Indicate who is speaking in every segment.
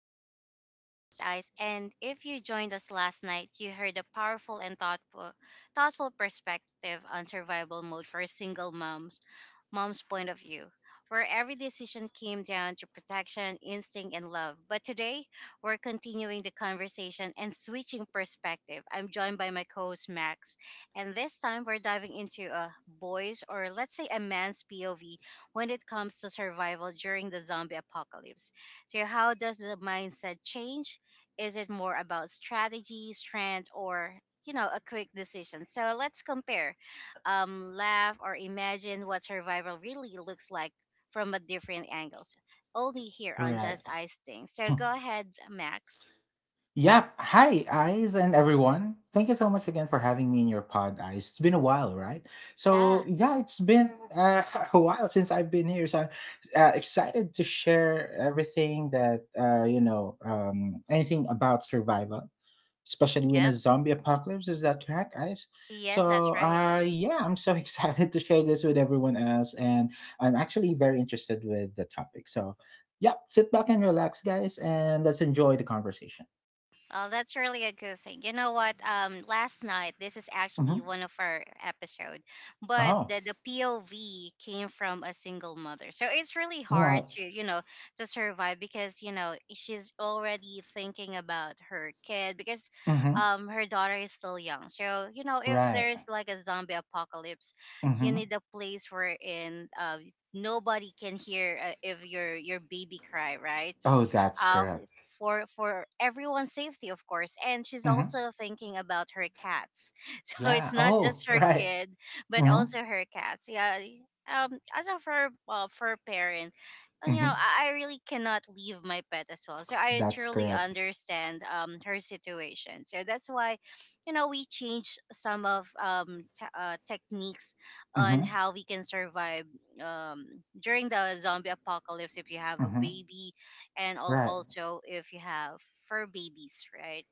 Speaker 1: Ice Things. I'm your host, Ice. And if you joined us last night, you heard a powerful and thoughtful perspective on survival mode for single moms, mom's point of view, where every decision came down to protection, instinct, and love. But today, we're continuing the conversation and switching perspective. I'm joined by my co host, Max. And this time, we're diving into a boy's, or let's say a man's POV when it comes to survival during the zombie apocalypse. So how does the mindset change? Is it more about strategy, strength, or a quick decision. So let's compare, laugh or imagine what survival really looks like from a different angles. Only here on
Speaker 2: Right.
Speaker 1: Just Ice Thing. So go ahead, Max.
Speaker 2: Yep. Hi, Eyes, and everyone. Thank you so much again for having me in your pod, Eyes. It's been a while, right? So,
Speaker 1: Yeah.
Speaker 2: yeah, it's been uh, a while since I've been here. So, I'm excited to share everything that, anything about survival, especially when a
Speaker 1: Yep.
Speaker 2: zombie apocalypse. Is that correct, guys?
Speaker 1: Yes,
Speaker 2: So,
Speaker 1: that's right.
Speaker 2: yeah, I'm so excited to share this with everyone else, and I'm actually very interested with the topic. So, yeah, sit back and relax, guys, and let's enjoy the conversation.
Speaker 1: Oh, that's really a good thing. You know what? Last night this is actually
Speaker 2: hmm
Speaker 1: one of our episode, but
Speaker 2: Oh,
Speaker 1: the POV came from a single mother, so it's really
Speaker 2: all
Speaker 1: hard
Speaker 2: right.
Speaker 1: to, you know, to survive because you know, she's already thinking about her kid because,
Speaker 2: Mm-hmm.
Speaker 1: her daughter is still young. So you know, if
Speaker 2: Right.
Speaker 1: there's like a zombie apocalypse, you
Speaker 2: Mm-hmm.
Speaker 1: need a place where in nobody can hear, if your baby cry, right?
Speaker 2: Oh, that's
Speaker 1: uh,
Speaker 2: correct.
Speaker 1: for everyone's safety, of course. And she's
Speaker 2: Mm-hmm.
Speaker 1: also thinking about her cats. So it's
Speaker 2: Yeah.
Speaker 1: not
Speaker 2: Oh,
Speaker 1: just her
Speaker 2: right.
Speaker 1: kid, but
Speaker 2: Mm-hmm.
Speaker 1: also her cats. Yeah. As of her, well, for her parent, and you know,
Speaker 2: Mm-hmm.
Speaker 1: I really cannot leave my pet as well. So I
Speaker 2: That's
Speaker 1: truly
Speaker 2: correct.
Speaker 1: understand her situation. So that's why, you know, we changed some of techniques on
Speaker 2: Mm-hmm.
Speaker 1: how we can survive um during the zombie apocalypse if you have a
Speaker 2: Mm-hmm.
Speaker 1: baby and
Speaker 2: Right.
Speaker 1: also if you have for babies, right?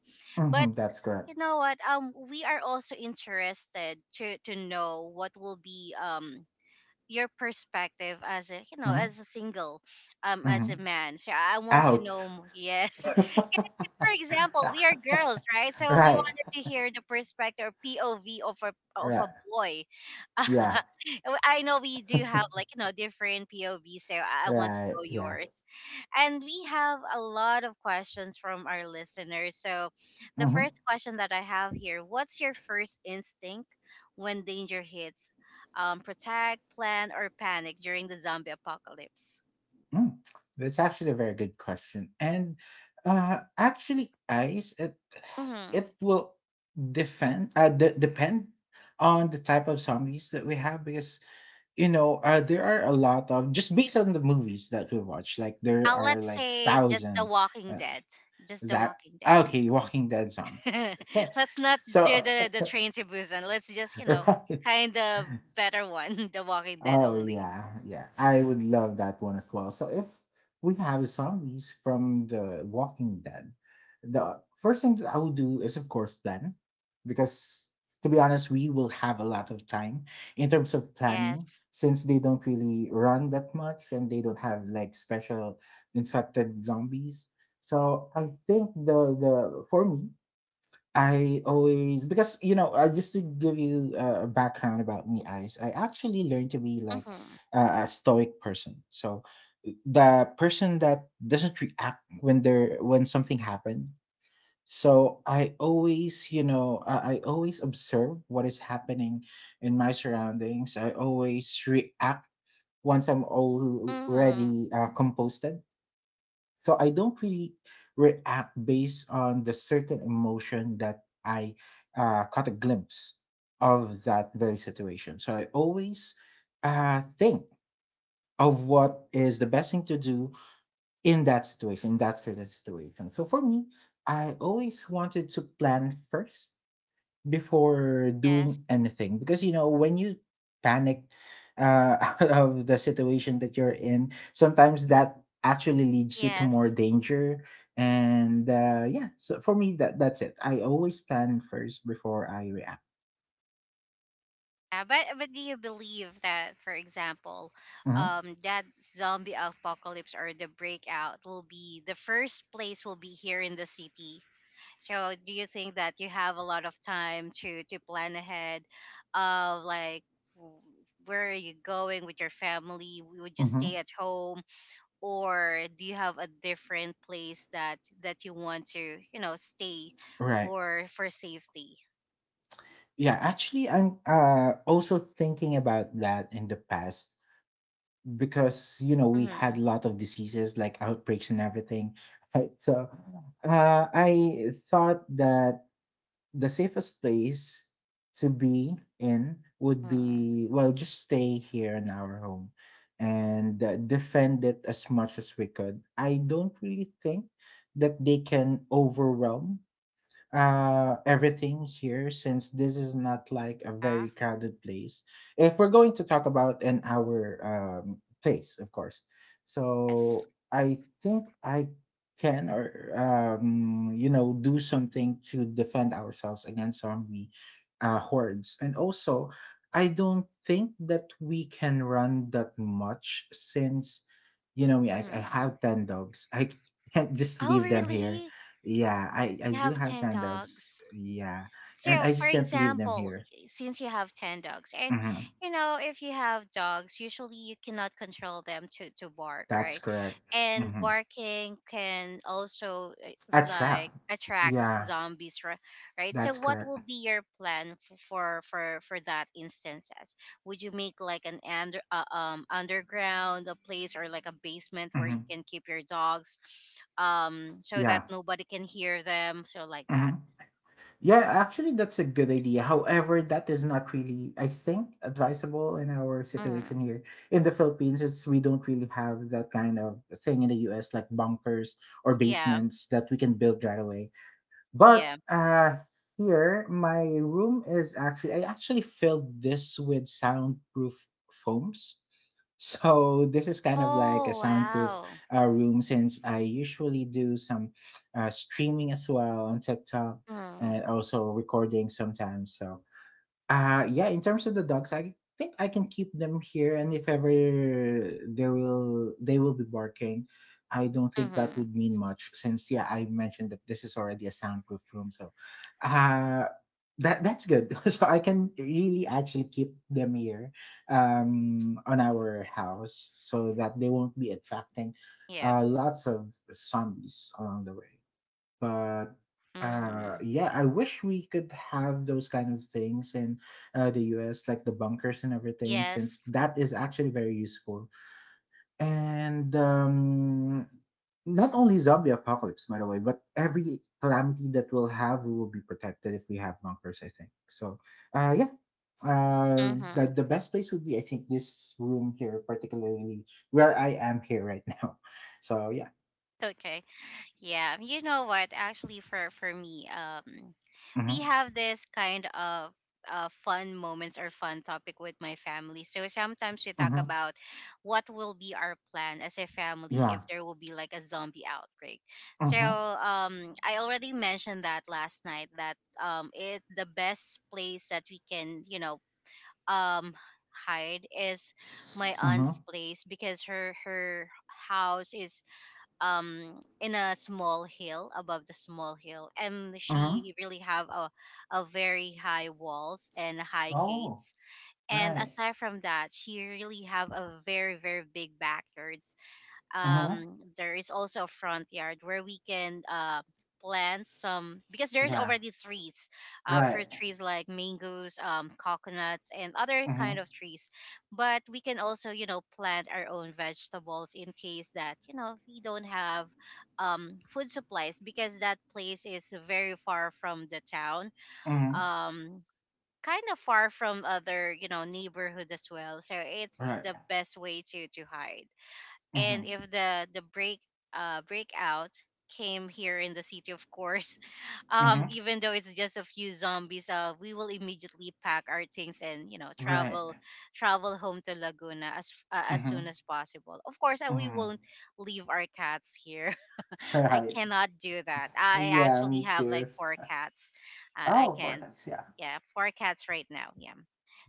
Speaker 1: But
Speaker 2: Mm-hmm. That's correct.
Speaker 1: you know what? We are also interested to know what will be your perspective as a, you know,
Speaker 2: Mm-hmm.
Speaker 1: as a single, as
Speaker 2: Mm-hmm.
Speaker 1: a man. So I want to
Speaker 2: Ouch.
Speaker 1: know yes. For example, we are girls, right? So we
Speaker 2: Right.
Speaker 1: wanted to hear the perspective or POV of a
Speaker 2: Right.
Speaker 1: boy. I
Speaker 2: Yeah.
Speaker 1: know we do have like, you know, different POV, so I want to
Speaker 2: Right.
Speaker 1: know
Speaker 2: Yeah.
Speaker 1: yours. And we have a lot of questions from our listeners. So the
Speaker 2: hmm
Speaker 1: first question that I have here: what's your first instinct when danger hits? Protect, plan, or panic during the zombie apocalypse?
Speaker 2: Mm. That's actually a very good question. And actually, ice,
Speaker 1: Mm-hmm.
Speaker 2: it will defend depend on the type of zombies that we have, because you know, there are a lot of, just based on the movies that we watch, like there are
Speaker 1: Let's
Speaker 2: like
Speaker 1: say just The
Speaker 2: thousand
Speaker 1: Walking
Speaker 2: uh,
Speaker 1: Dead. Just The
Speaker 2: that
Speaker 1: Walking Dead.
Speaker 2: okay, walking dead zombies, okay.
Speaker 1: Let's not do
Speaker 2: So
Speaker 1: the train to Busan. Let's just, you know,
Speaker 2: right.
Speaker 1: kind of better one, The Walking Dead
Speaker 2: Oh
Speaker 1: only.
Speaker 2: yeah, yeah. I would love that one as well. So if we have zombies from the Walking Dead, the first thing that I would do is of course plan. Because to be honest, we will have a lot of time in terms of planning,
Speaker 1: Yes.
Speaker 2: since they don't really run that much and they don't have like special infected zombies. So I think the for me, I always, because you know, just to give you a background about me, eyes. I actually learned to be like
Speaker 1: Mhm.
Speaker 2: a stoic person. So the person that doesn't react when something happened. So I always, you know, I always observe what is happening in my surroundings. I always react once I'm
Speaker 1: Mhm.
Speaker 2: already composed. So I don't really react based on the certain emotion that I caught a glimpse of that very situation. So I always think of what is the best thing to do in that situation, in that certain situation. So for me, I always wanted to plan first before doing
Speaker 1: Yes.
Speaker 2: anything, because you know, when you panic out of the situation that you're in, sometimes that actually leads you to more
Speaker 1: Yes.
Speaker 2: danger. And yeah, so for me, that's it. I always plan first before I react.
Speaker 1: Yeah, but do you believe that, for example,
Speaker 2: hmm
Speaker 1: that zombie apocalypse or the breakout will be the first place will be here in the city? So do you think that you have a lot of time to plan ahead of like w- where are you going with your family? Would you stay
Speaker 2: hmm
Speaker 1: at home or do you have a different place that that you want to, you know, stay
Speaker 2: right.
Speaker 1: for safety?
Speaker 2: Yeah, actually, I'm also thinking about that in the past, because you know, we
Speaker 1: Mm-hmm.
Speaker 2: had a lot of diseases like outbreaks and everything. Right, so I thought that the safest place to be in would
Speaker 1: Mm.
Speaker 2: be, well, just stay here in our home and defend it as much as we could. I don't really think that they can overwhelm everything here, since this is not like a
Speaker 1: Yeah.
Speaker 2: very crowded place if we're going to talk about an hour, place, of course.
Speaker 1: Yes.
Speaker 2: So I think I can, or you know, do something to defend ourselves against zombie hordes. And also, I don't think that we can run that much, since you know me, guys, I
Speaker 1: Mm-hmm.
Speaker 2: have 10 dogs. I can't just
Speaker 1: Oh,
Speaker 2: leave them here.
Speaker 1: really?
Speaker 2: Yeah, I
Speaker 1: You
Speaker 2: do
Speaker 1: have
Speaker 2: have
Speaker 1: 10
Speaker 2: tan dogs.
Speaker 1: dogs.
Speaker 2: Yeah, and
Speaker 1: So,
Speaker 2: I
Speaker 1: for
Speaker 2: just can't leave them
Speaker 1: example,
Speaker 2: here.
Speaker 1: since you have 10 dogs, and
Speaker 2: Mm-hmm.
Speaker 1: you know, if you have dogs, usually you cannot control them to bark,
Speaker 2: That's
Speaker 1: right?
Speaker 2: correct.
Speaker 1: And
Speaker 2: Mm-hmm.
Speaker 1: barking can also,
Speaker 2: A trap.
Speaker 1: like, attracts
Speaker 2: Yeah,
Speaker 1: zombies, right? So
Speaker 2: that's
Speaker 1: what will
Speaker 2: correct.
Speaker 1: be your plan for that instances? Would you make like an underground a place or like a basement where you
Speaker 2: Mm-hmm.
Speaker 1: can keep your dogs, so
Speaker 2: Yeah.
Speaker 1: that nobody can hear them, so like that?
Speaker 2: Mm-hmm. Yeah, actually, that's a good idea. However, that is not really, I think, advisable in our situation
Speaker 1: Hmm.
Speaker 2: here in the Philippines. It's, we don't really have that kind of thing in the U.S. like bunkers or
Speaker 1: Yeah.
Speaker 2: basements that we can build right away. But
Speaker 1: Yeah.
Speaker 2: here, my room is actually, I actually filled this with soundproof foams. So this is kind of like a
Speaker 1: Oh,
Speaker 2: soundproof
Speaker 1: wow.
Speaker 2: room, since I usually do some streaming as well on TikTok
Speaker 1: Mm.
Speaker 2: and also recording sometimes. So yeah, in terms of the dogs, I think I can keep them here, and if ever there will, they will be barking, I don't think that
Speaker 1: Mm-hmm.
Speaker 2: would mean much, since yeah, I mentioned that this is already a soundproof room. So uh that's good. So I can really actually keep them here on our house so that they won't be attracting
Speaker 1: Yeah.
Speaker 2: lots of zombies along the way. But
Speaker 1: Mm-hmm.
Speaker 2: yeah, I wish we could have those kind of things in the US, like the bunkers and everything, since
Speaker 1: Yes.
Speaker 2: that is actually very useful. And not only zombie apocalypse, by the way, but every calamity that we'll have, we will be protected if we have bunkers, I think. So yeah,
Speaker 1: Mm-hmm.
Speaker 2: the best place would be, I think, this room here, particularly where I am here right now. So yeah.
Speaker 1: Okay. Yeah. You know what? Actually, for me,
Speaker 2: Mm-hmm.
Speaker 1: we have this kind of fun moments or fun topic with my family. So sometimes we talk
Speaker 2: Mm-hmm.
Speaker 1: about what will be our plan as a family if
Speaker 2: Yeah.
Speaker 1: there will be like a zombie outbreak. So
Speaker 2: Mm-hmm.
Speaker 1: I already mentioned that last night that, it the best place that we can, you know, um hide is my
Speaker 2: Mm-hmm.
Speaker 1: aunt's place, because her house is in a small hill, above the small hill, and
Speaker 2: Mhm.
Speaker 1: she really have a very high walls and high
Speaker 2: Oh,
Speaker 1: gates. And
Speaker 2: right.
Speaker 1: aside from that, she really have a very very big backyard.
Speaker 2: Mhm.
Speaker 1: There is also a front yard where we can, plant some because there's
Speaker 2: Yeah.
Speaker 1: already trees,
Speaker 2: Right.
Speaker 1: fruit trees like mangoes, coconuts and other kind
Speaker 2: Mhm.
Speaker 1: of trees. But we can also, you know, plant our own vegetables in case that, you know, we don't have, food supplies because that place is very far from the town,
Speaker 2: Mhm.
Speaker 1: um, kind of far from other, you know, neighborhood as well. So it's
Speaker 2: Right.
Speaker 1: the best way to hide. And
Speaker 2: Mhm.
Speaker 1: if the breakout came here in the city, of course,
Speaker 2: Mhm.
Speaker 1: even though it's just a few zombies, we will immediately pack our things and, you know,
Speaker 2: Right.
Speaker 1: travel home to Laguna as, as soon
Speaker 2: Mhm.
Speaker 1: as possible. Of course, we
Speaker 2: Mhm.
Speaker 1: won't leave our cats here. I
Speaker 2: Right.
Speaker 1: cannot do that. I
Speaker 2: Yeah,
Speaker 1: actually
Speaker 2: me
Speaker 1: have
Speaker 2: too.
Speaker 1: like four cats. uh, i
Speaker 2: Oh,
Speaker 1: can't
Speaker 2: organs. Yeah.
Speaker 1: Yeah, four cats right now. Yeah,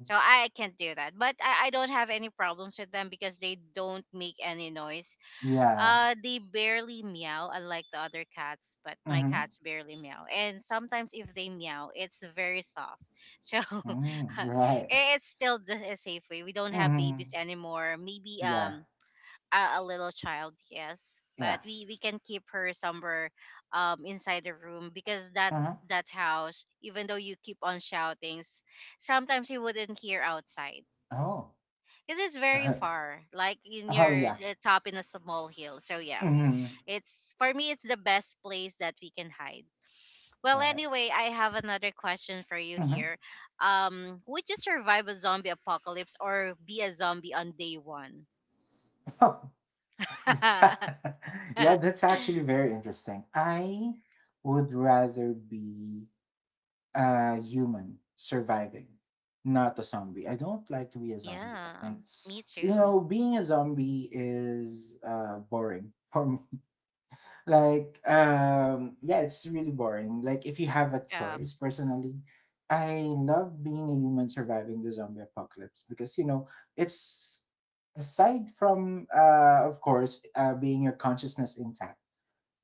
Speaker 1: so I can't do that. But I don't have any problems with them because they don't make any noise.
Speaker 2: Yeah.
Speaker 1: They barely meow, unlike the other cats, but my
Speaker 2: Mhm.
Speaker 1: cats barely meow. And sometimes if they meow, it's very soft. So
Speaker 2: Mm,
Speaker 1: i-
Speaker 2: right.
Speaker 1: it's still the a safe way. We don't have babies
Speaker 2: Mhm.
Speaker 1: anymore. Maybe
Speaker 2: Yeah.
Speaker 1: a little child, yes, but
Speaker 2: Yeah.
Speaker 1: we can keep her somewhere inside the room, because that
Speaker 2: Mhm.
Speaker 1: that house, even though you keep on shouting, sometimes you wouldn't hear outside.
Speaker 2: Oh.
Speaker 1: This is very
Speaker 2: Right.
Speaker 1: far, like in
Speaker 2: Oh
Speaker 1: your,
Speaker 2: yeah.
Speaker 1: top in a small hill. So yeah,
Speaker 2: Mhm.
Speaker 1: it's, for me, it's the best place that we can hide. Well,
Speaker 2: Right.
Speaker 1: anyway, I have another question for you
Speaker 2: Mhm.
Speaker 1: here. Would you survive a zombie apocalypse or be a zombie on day 1?
Speaker 2: That's yeah, that's actually very interesting. I would rather be a human surviving, not a zombie. I don't like to be a zombie. I
Speaker 1: Yeah,
Speaker 2: think,
Speaker 1: me
Speaker 2: you
Speaker 1: too.
Speaker 2: know, being a zombie is boring for me. Like, yeah, it's really boring. Like, if you have a
Speaker 1: Yeah,
Speaker 2: choice, personally, I love being a human surviving the zombie apocalypse, because, you know, it's aside from, of course, being your consciousness intact,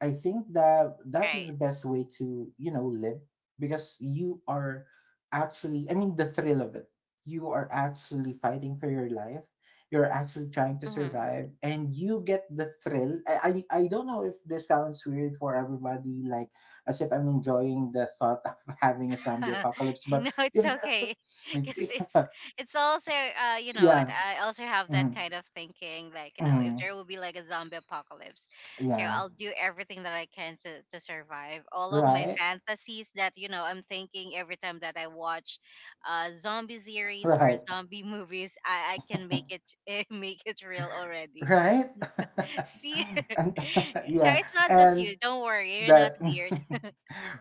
Speaker 2: I think that that is the
Speaker 1: right.
Speaker 2: best way to, you know, live, because you are actually, I mean, the thrill of it. You are actually fighting for your life. You're actually trying to
Speaker 1: Mm-hmm.
Speaker 2: survive and you get the thrill. I don't know if this sounds weird for everybody, like as if I'm enjoying the thought of having a zombie
Speaker 1: Uh,
Speaker 2: apocalypse. But
Speaker 1: no,
Speaker 2: you
Speaker 1: it's okay. Because
Speaker 2: know,
Speaker 1: it's also, you know what,
Speaker 2: yeah.
Speaker 1: I also have that
Speaker 2: Mm,
Speaker 1: kind of thinking, like, you know, if
Speaker 2: mm,
Speaker 1: there will be like a zombie apocalypse, so
Speaker 2: yeah.
Speaker 1: I'll do everything that I can to survive. All of my
Speaker 2: Right.
Speaker 1: fantasies that, you know, I'm thinking every time that I watch, zombie series or
Speaker 2: Right,
Speaker 1: zombie movies, I can make it make it real already.
Speaker 2: right?
Speaker 1: See,
Speaker 2: And,
Speaker 1: so
Speaker 2: yeah,
Speaker 1: it's not just
Speaker 2: and
Speaker 1: you. Don't worry, you're not
Speaker 2: that
Speaker 1: weird.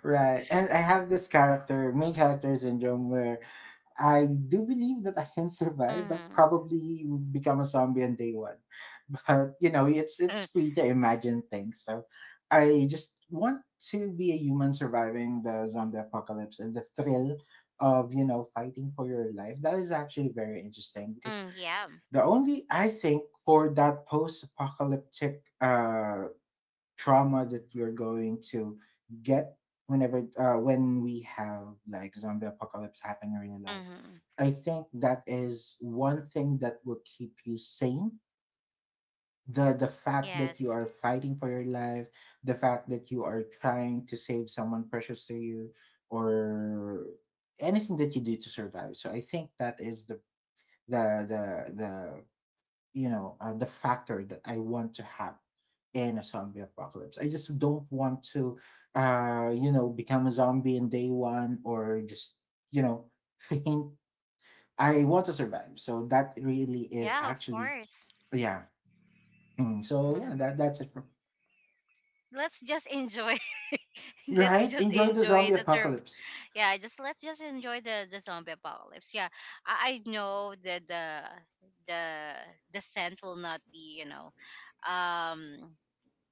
Speaker 2: right. And I have this character, main character syndrome, where I do believe that I can survive, but
Speaker 1: Hmm.
Speaker 2: probably become a zombie on day one. But you know, it's free to imagine things. So I just want to be a human surviving the zombie apocalypse and the thrill of, you know, fighting for your life. That is actually very interesting because
Speaker 1: Mm, yeah.
Speaker 2: the only, I think, for that post-apocalyptic trauma that we're going to get whenever, when we have like zombie apocalypse happening in your life,
Speaker 1: Mm-hmm.
Speaker 2: I think that is one thing that will keep you sane. The fact that you
Speaker 1: Yes.
Speaker 2: are fighting for your life, the fact that you are trying to save someone precious to you, or anything that you do to survive. So I think that is the the the you know, the factor that I want to have in a zombie apocalypse. I just don't want to you know, become a zombie in day one, or just you know faint. I want to survive. So that really is
Speaker 1: Yeah, of
Speaker 2: actually,
Speaker 1: course.
Speaker 2: yeah. Mm, so yeah,
Speaker 1: Mm.
Speaker 2: that that's it. For,
Speaker 1: Let's just enjoy. Let's
Speaker 2: right,
Speaker 1: just
Speaker 2: enjoy the
Speaker 1: enjoy
Speaker 2: zombie
Speaker 1: the serve.
Speaker 2: apocalypse.
Speaker 1: Yeah, just let's just enjoy the zombie apocalypse. Yeah, I know that the the scent will not be, you know, um,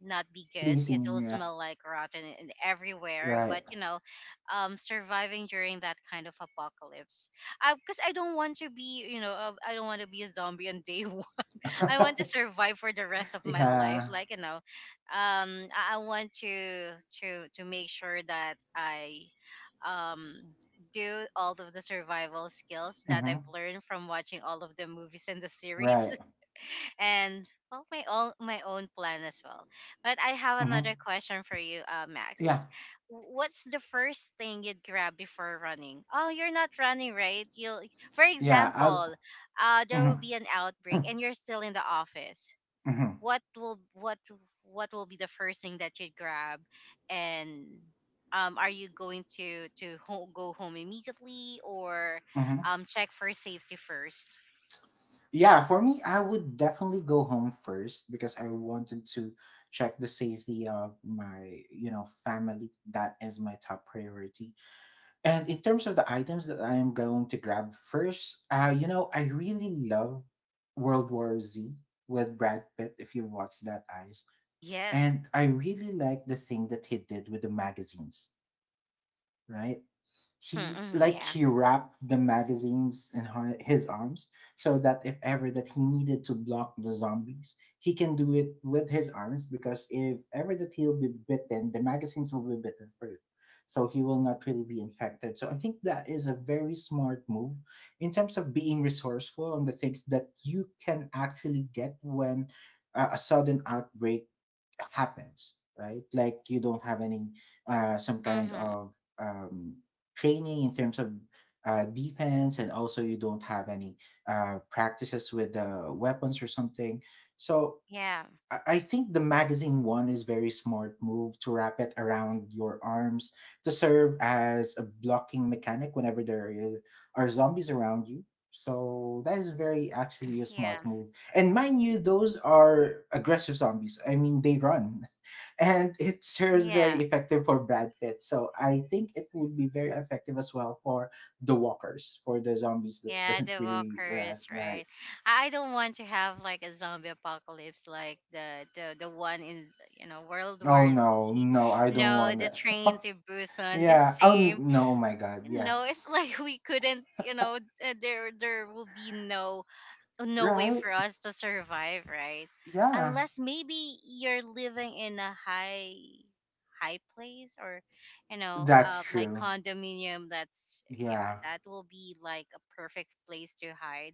Speaker 1: not be good. It
Speaker 2: Pleasing,
Speaker 1: will
Speaker 2: yeah,
Speaker 1: smell like rotten and everywhere.
Speaker 2: right,
Speaker 1: But you know, surviving during that kind of apocalypse. Because I, because I don't want to be, you know, I don't want to be a zombie on day one. I want to survive for the rest of my
Speaker 2: yeah,
Speaker 1: life. Like, you know, I want to to make sure that I, um do all of the survival skills that I've
Speaker 2: hmm
Speaker 1: learned from watching all of the movies and the series
Speaker 2: right,
Speaker 1: and, well, my own plan as well. But I have
Speaker 2: hmm
Speaker 1: another question for you, Max.
Speaker 2: yeah,
Speaker 1: What's the first thing you'd grab before running? Oh, you're not running, right? You'll, for
Speaker 2: yeah. I'll,
Speaker 1: example, there
Speaker 2: hmm
Speaker 1: will be an outbreak, and you're still in the office.
Speaker 2: hmm hmm
Speaker 1: What will what will be the first thing that you'd grab, and are you going to go home immediately or check for safety first?
Speaker 2: yeah, for me, I would definitely go home first, because I wanted to check the safety of my, you know, family. That is my top priority. And in terms of the items that I am going to grab first, you know, I really love World War Z with Brad Pitt, if you watch that, eyes.
Speaker 1: Yes.
Speaker 2: And I really like the thing that he did with the magazines, right?
Speaker 1: Mm-hmm, yeah.
Speaker 2: He wrapped the magazines in her, his arms, so that if ever that he needed to block the zombies, he can do it with his arms, because if ever that he'll be bitten, the magazines will be bitten first, so he will not really be infected. So I think that is a very smart move in terms of being resourceful on the things that you can actually get when a sudden outbreak happens, right? Like you don't have any some kind
Speaker 1: Mm-hmm.
Speaker 2: of um training in terms of defense, and also you don't have any practices with weapons or something. So
Speaker 1: Yeah,
Speaker 2: I think the magazine one is very smart move, to wrap it around your arms to serve as a blocking mechanic whenever are zombies around you. So that is very actually a smart
Speaker 1: yeah,
Speaker 2: move. And mind you, those are aggressive zombies. I mean, they run, and it serves very
Speaker 1: yeah,
Speaker 2: effective for Brad Pitt. So I think it would be very effective as well for the walkers, for the zombies that
Speaker 1: yeah.
Speaker 2: doesn't
Speaker 1: The
Speaker 2: really, right.
Speaker 1: walkers,
Speaker 2: Right.
Speaker 1: right? I don't want to have like a zombie apocalypse, like the one in, you know, World
Speaker 2: Oh
Speaker 1: War
Speaker 2: no,
Speaker 1: Z.
Speaker 2: no, I don't
Speaker 1: No,
Speaker 2: want
Speaker 1: the
Speaker 2: that.
Speaker 1: train to Busan, the
Speaker 2: Yeah. Oh
Speaker 1: same.
Speaker 2: no, oh my God. Yeah.
Speaker 1: No, it's like we couldn't, you know, there will be no no way
Speaker 2: Right.
Speaker 1: for us to survive, right?
Speaker 2: Yeah.
Speaker 1: Unless maybe you're living in a high place or, you know,
Speaker 2: That's
Speaker 1: like
Speaker 2: true.
Speaker 1: condominium. That's, yeah,
Speaker 2: Yeah.
Speaker 1: that will be like a perfect place to hide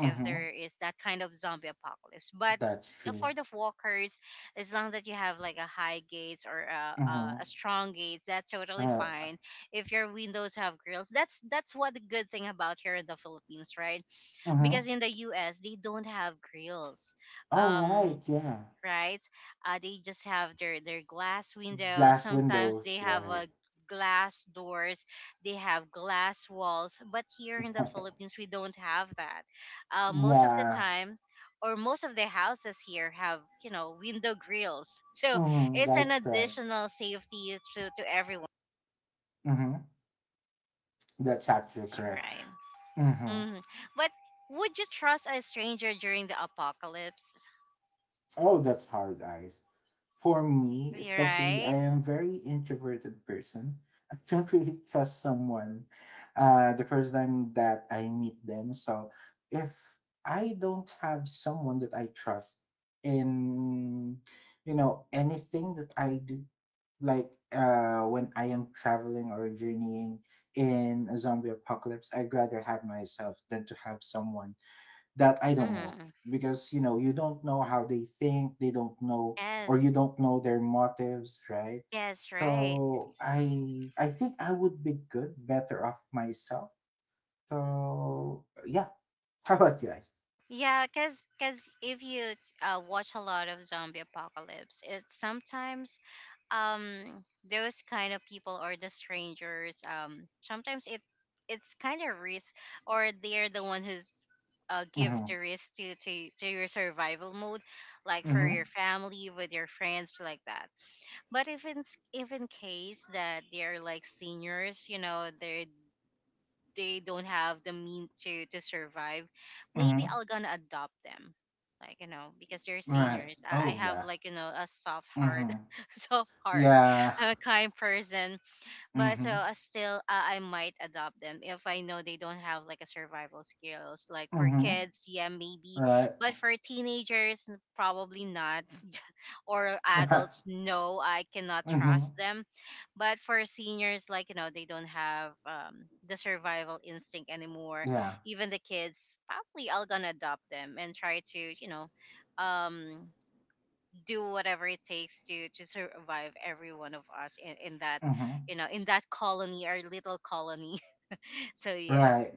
Speaker 1: if there is that kind of zombie apocalypse. But
Speaker 2: That's true.
Speaker 1: for the walkers, as long that you have like a high gates or
Speaker 2: Mm-hmm.
Speaker 1: a strong gates, that's totally
Speaker 2: Right.
Speaker 1: fine. If your windows have grills, that's what the good thing about here in the Philippines, right?
Speaker 2: Mm-hmm.
Speaker 1: Because in the US they don't have grills,
Speaker 2: All right.
Speaker 1: um
Speaker 2: Yeah.
Speaker 1: right? They just have their glass windows.
Speaker 2: Glass
Speaker 1: Sometimes they
Speaker 2: windows.
Speaker 1: have
Speaker 2: Right.
Speaker 1: a glass doors. They have glass walls. But here in the Philippines, we don't have that. Most of the
Speaker 2: Yeah.
Speaker 1: time, or most of the houses here have window grills. So
Speaker 2: Mm-hmm.
Speaker 1: it's an
Speaker 2: That's correct.
Speaker 1: additional safety to everyone,
Speaker 2: Mm-hmm. That's actually correct.
Speaker 1: right?
Speaker 2: Hmm.
Speaker 1: hmm But would you trust a stranger during the apocalypse?
Speaker 2: Oh, that's hard, eyes. For me, especially, I
Speaker 1: Right?
Speaker 2: am very introverted person. I don't really trust someone the first time that I meet them. So if I don't have someone that I trust in, you know, anything that I do, like when I am traveling or journeying in a zombie apocalypse, I'd rather have myself than to have someone that I don't know,
Speaker 1: hmm
Speaker 2: because you know you don't know how they think, they don't know, or you
Speaker 1: Yes.
Speaker 2: don't know their motives, right?
Speaker 1: Yes, right.
Speaker 2: So I think I would be good better off myself. So yeah. How about you guys?
Speaker 1: Yeah, cause if you watch a lot of zombie apocalypse, it's sometimes um those kind of people or the strangers sometimes it's kind of risk or they're the one who's give
Speaker 2: Mm-hmm.
Speaker 1: the risk to to your survival mode, like for
Speaker 2: Mm-hmm.
Speaker 1: your family with your friends like that. But if in case that they're like seniors, you know, they're they don't have the mean to survive, maybe
Speaker 2: Mm-hmm.
Speaker 1: I'll gonna adopt them, like you know, because they're
Speaker 2: Right.
Speaker 1: seniors. I
Speaker 2: Oh
Speaker 1: have,
Speaker 2: yeah.
Speaker 1: like you know, a soft heart,
Speaker 2: Mhm.
Speaker 1: soft heart,
Speaker 2: Yeah.
Speaker 1: I'm a kind person. But so
Speaker 2: Mhm.
Speaker 1: I still I might adopt them if I know they don't have like a survival skills. Like for
Speaker 2: Mhm.
Speaker 1: kids, yeah, maybe,
Speaker 2: Right.
Speaker 1: but for teenagers, probably not. Or
Speaker 2: Yeah.
Speaker 1: adults, no, I cannot
Speaker 2: Mhm.
Speaker 1: trust them. But for seniors, like you know, they don't have the survival instinct anymore.
Speaker 2: Yeah.
Speaker 1: Even the kids, probably I'll gonna adopt them and try to, you know, um do whatever it takes to survive every one of us in that,
Speaker 2: Mhm.
Speaker 1: you know, in that colony, our little colony. So
Speaker 2: Right.
Speaker 1: yes.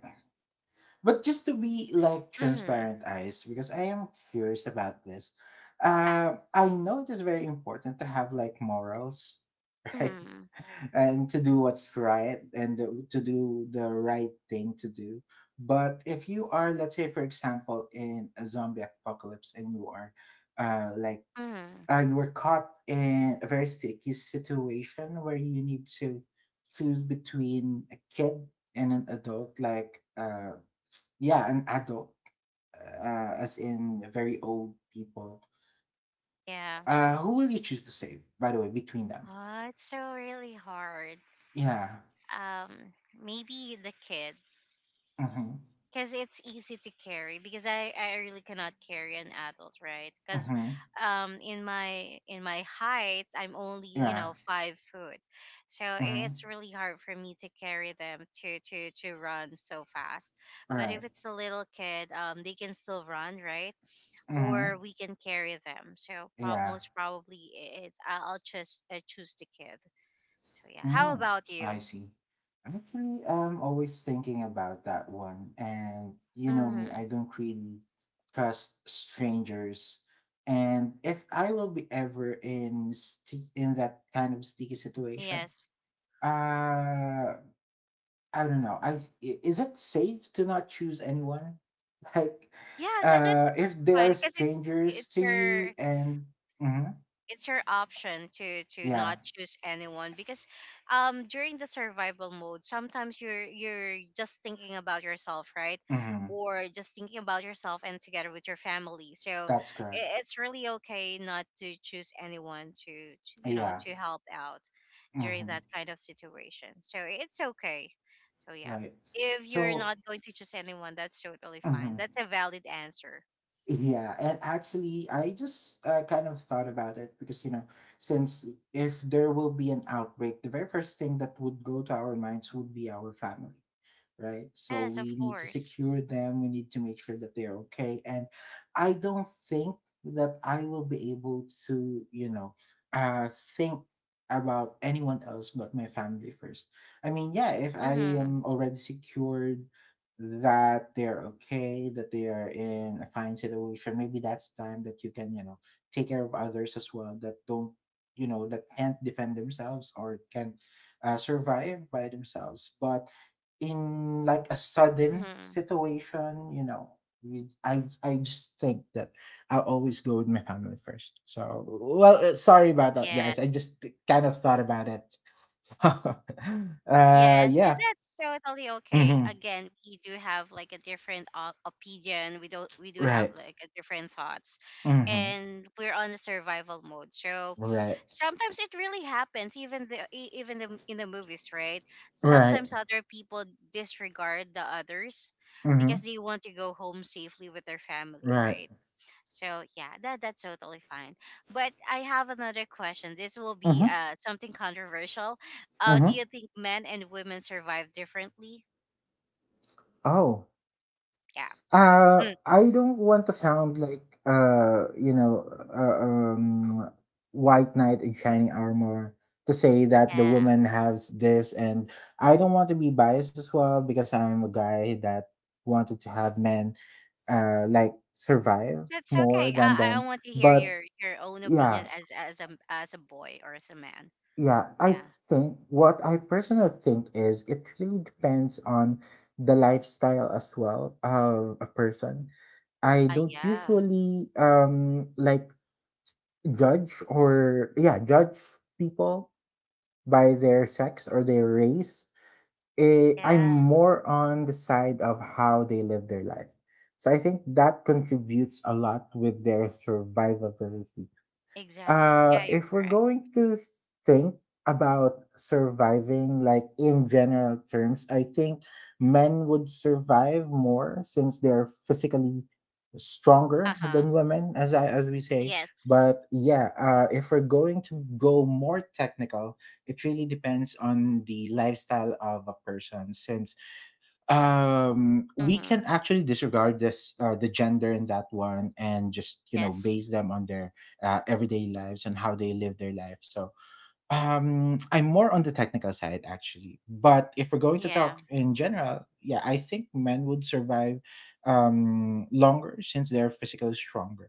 Speaker 2: But just to be like
Speaker 1: Mm-hmm.
Speaker 2: transparent, eyes, because I am curious about this.
Speaker 1: Yeah.
Speaker 2: I know it is very important to have like morals, right?
Speaker 1: Mm-hmm.
Speaker 2: And to do what's right and to do the right thing to do. But if you are, let's say, for example, in a zombie apocalypse and you are uh, like
Speaker 1: Mm-hmm.
Speaker 2: you were caught in a very sticky situation where you need to choose between a kid and an adult, like yeah, an adult, as in very old people.
Speaker 1: Yeah.
Speaker 2: Who will you choose to save, by the way, between them?
Speaker 1: Oh, it's so really hard.
Speaker 2: Yeah.
Speaker 1: um Maybe the kid,
Speaker 2: Mm-hmm.
Speaker 1: because it's easy to carry, because I really cannot carry an adult, right? Because
Speaker 2: Mm-hmm.
Speaker 1: in my height, I'm only, you
Speaker 2: Yeah.
Speaker 1: know, 5 foot. So
Speaker 2: Mm-hmm.
Speaker 1: it's really hard for me to carry them to to run so fast. But if
Speaker 2: Right.
Speaker 1: it's a little kid, they can still run, right?
Speaker 2: Mm-hmm.
Speaker 1: Or we can carry them. So
Speaker 2: Yeah.
Speaker 1: most probably, I- it I'll just choose the kid. So yeah, how
Speaker 2: Mm,
Speaker 1: about you?
Speaker 2: I see. Actually, I'm always thinking about that one. And you know me,
Speaker 1: Hmm.
Speaker 2: I don't really trust strangers. And if I will be ever in sti- in that kind of sticky situation,
Speaker 1: Yes.
Speaker 2: uh, I don't know. Is it safe to not choose anyone? Like,
Speaker 1: Yeah, that's
Speaker 2: if they
Speaker 1: fine,
Speaker 2: are
Speaker 1: because
Speaker 2: strangers
Speaker 1: it's
Speaker 2: to
Speaker 1: your,
Speaker 2: you, and Mhm.
Speaker 1: it's your option to
Speaker 2: Yeah.
Speaker 1: not choose anyone, because during the survival mode, sometimes you're just thinking about yourself, right?
Speaker 2: Hmm.
Speaker 1: Or just thinking about yourself and together with your family. So
Speaker 2: That's correct.
Speaker 1: it's really okay not to choose anyone to, you know,
Speaker 2: Yeah.
Speaker 1: to help out during
Speaker 2: Hmm.
Speaker 1: that kind of situation. So it's okay. So yeah,
Speaker 2: Right.
Speaker 1: if you're
Speaker 2: So,
Speaker 1: not going to choose anyone, that's totally fine.
Speaker 2: mhm.
Speaker 1: That's a valid answer.
Speaker 2: Yeah, and actually, I just kind of thought about it because, you know, since if there will be an outbreak, the very first thing that would go to our minds would be our family. Right? So
Speaker 1: Yes, of
Speaker 2: we need to
Speaker 1: course.
Speaker 2: secure them. We need to make sure that they're okay. And I don't think that I will be able to, you know, think about anyone else but my family first. I mean, yeah, if I
Speaker 1: Mhm.
Speaker 2: am already secured that they're okay, that they are in a fine situation, maybe that's time that you can, you know, take care of others as well that don't, you know, that can't defend themselves or can survive by themselves. But in like a sudden
Speaker 1: Mhm.
Speaker 2: situation, you know, I just think that I'll always go with my family first. So, well, sorry about that, guys.
Speaker 1: Yes.
Speaker 2: I just kind of thought about it.
Speaker 1: Yes, and
Speaker 2: Yeah.
Speaker 1: that's totally okay.
Speaker 2: Hmm.
Speaker 1: Again, we do have like a different opinion. We don't. We do have
Speaker 2: Right.
Speaker 1: like a different thoughts,
Speaker 2: Hmm.
Speaker 1: and we're on the survival mode. So
Speaker 2: Right.
Speaker 1: sometimes it really happens, even even the in the movies, right?
Speaker 2: Right.
Speaker 1: Sometimes other people disregard the others
Speaker 2: Hmm.
Speaker 1: because they want to go home safely with their family,
Speaker 2: Right.
Speaker 1: right? So yeah, that that's totally fine. But I have another question. This will be
Speaker 2: Hmm.
Speaker 1: something controversial. Do
Speaker 2: Hmm.
Speaker 1: you think men and women survive differently?
Speaker 2: Oh.
Speaker 1: Yeah. Hmm.
Speaker 2: I don't want to sound like you know, uh, um, white knight in shining armor, to say that the
Speaker 1: Yeah.
Speaker 2: woman has this, and I don't want to be biased as well because I'm a guy that wanted to have men like survive
Speaker 1: That's
Speaker 2: more
Speaker 1: okay.
Speaker 2: than
Speaker 1: I
Speaker 2: them.
Speaker 1: want to hear
Speaker 2: But
Speaker 1: your own opinion
Speaker 2: yeah,
Speaker 1: as a as a boy or as a man.
Speaker 2: yeah, I
Speaker 1: Yeah.
Speaker 2: think what I personally think is it really depends on the lifestyle as well of a person. I don't
Speaker 1: Yeah.
Speaker 2: usually like judge or yeah, judge people by their sex or their race. Eh, I'm
Speaker 1: Yeah.
Speaker 2: more on the side of how they live their life. So I think that contributes a lot with their survivability.
Speaker 1: Exactly. Yeah, you're
Speaker 2: If we're
Speaker 1: correct.
Speaker 2: going to s- think about surviving like in general terms, I think men would survive more, since they're physically stronger
Speaker 1: Uh huh.
Speaker 2: than women, as I as we say.
Speaker 1: Yes.
Speaker 2: But yeah, if we're going to go more technical, it really depends on the lifestyle of a person, since we can
Speaker 1: Mm-hmm.
Speaker 2: actually disregard this the gender in that one and just you know
Speaker 1: Yes.
Speaker 2: base them on their everyday lives and how they live their life. So I'm more on the technical side actually, but if we're going to
Speaker 1: Yeah.
Speaker 2: talk in general, yeah, I think men would survive longer since they're physically stronger,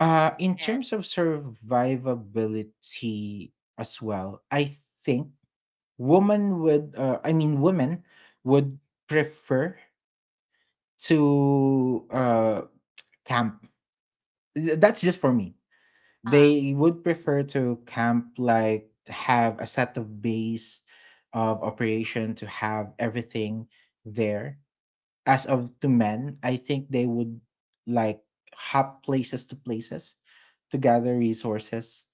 Speaker 2: in terms of
Speaker 1: Yes.
Speaker 2: survivability as well. I think women would I mean women would prefer to camp. That's just for me.
Speaker 1: Uh huh.
Speaker 2: They would prefer to camp, like have a set of base of operation to have everything there, as of to men, I think they would like hop places to places to gather resources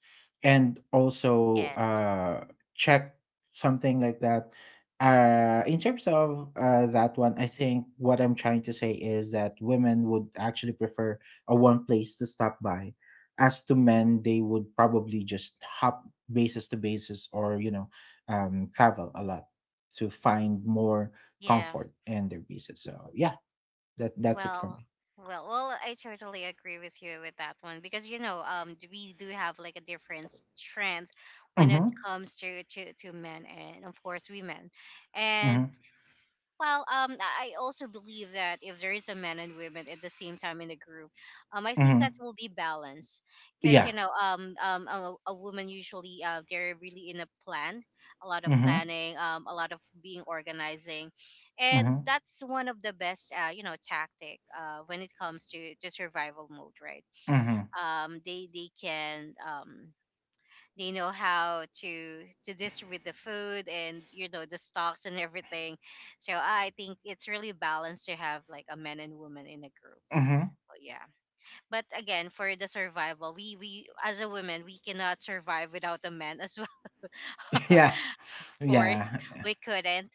Speaker 2: and also
Speaker 1: Yes.
Speaker 2: check something like that. In terms of that one, I think what I'm trying to say is that women would actually prefer a one place to stop by. As to men, they would probably just hop basis to basis or, you know, travel a lot to find more
Speaker 1: Yeah.
Speaker 2: comfort and their pieces. So yeah, that that's it for
Speaker 1: Well,
Speaker 2: me.
Speaker 1: well, I totally agree with you with that one, because you know, we do have like a different strength when it
Speaker 2: Mhm.
Speaker 1: comes to to men and of course women, and
Speaker 2: Mhm.
Speaker 1: well, I also believe that if there is a man and women at the same time in the group, I think that
Speaker 2: Mhm.
Speaker 1: will be balanced. Because you
Speaker 2: Yeah.
Speaker 1: know, a woman usually they're really in a plan, a lot of
Speaker 2: Mhm.
Speaker 1: planning, a lot of being organizing, and
Speaker 2: Mhm.
Speaker 1: that's one of the best, you know, tactic when it comes to survival mode, right?
Speaker 2: Mhm.
Speaker 1: They can they know how to distribute the food and you know the stocks and everything. So I think it's really balanced to have like a man and woman in a group.
Speaker 2: Mhm.
Speaker 1: But yeah, but again, for the survival, we as a woman, we cannot survive without a man as well
Speaker 2: Yeah.
Speaker 1: of
Speaker 2: Yeah.
Speaker 1: course, we couldn't.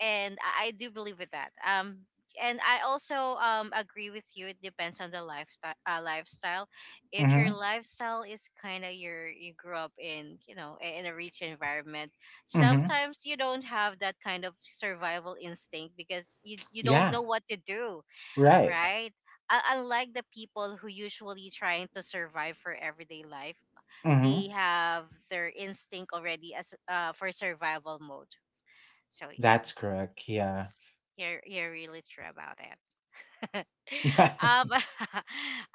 Speaker 1: And I do believe with that. And I also agree with you. It depends on the lifestyle. If your
Speaker 2: Mhm.
Speaker 1: lifestyle is kind of you grew up in, you know, in a rich environment,
Speaker 2: Mhm.
Speaker 1: sometimes you don't have that kind of survival instinct, because you don't
Speaker 2: Yeah.
Speaker 1: know what to do,
Speaker 2: Right.
Speaker 1: right? Unlike the people who usually trying to survive for everyday life, they
Speaker 2: Mhm.
Speaker 1: have their instinct already as for survival mode. So yeah.
Speaker 2: That's correct. Yeah.
Speaker 1: You're really true about it. Um,
Speaker 2: Yeah.
Speaker 1: I,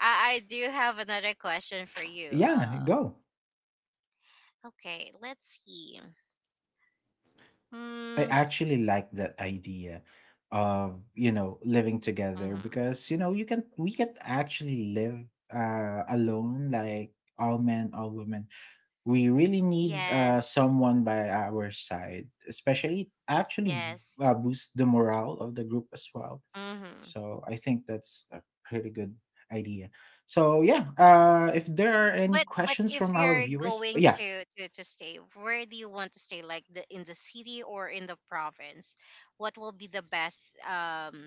Speaker 1: I do have another question for you.
Speaker 2: Yeah, go.
Speaker 1: Okay, let's see.
Speaker 2: I
Speaker 1: Hmm.
Speaker 2: actually like that idea of, you know, living
Speaker 1: Mhm.
Speaker 2: together because, you know, you can we can actually live alone, like all men, all women, we really need
Speaker 1: Yes.
Speaker 2: someone by our side, especially actually
Speaker 1: Yes.
Speaker 2: boost the morale of the group as well.
Speaker 1: hmm
Speaker 2: So I think that's a pretty good idea. So yeah, if there are any
Speaker 1: But
Speaker 2: questions
Speaker 1: if
Speaker 2: from our
Speaker 1: you're
Speaker 2: viewers,
Speaker 1: going
Speaker 2: yeah,
Speaker 1: to, to stay, where do you want to stay? Like the in the city or in the province? What will be the best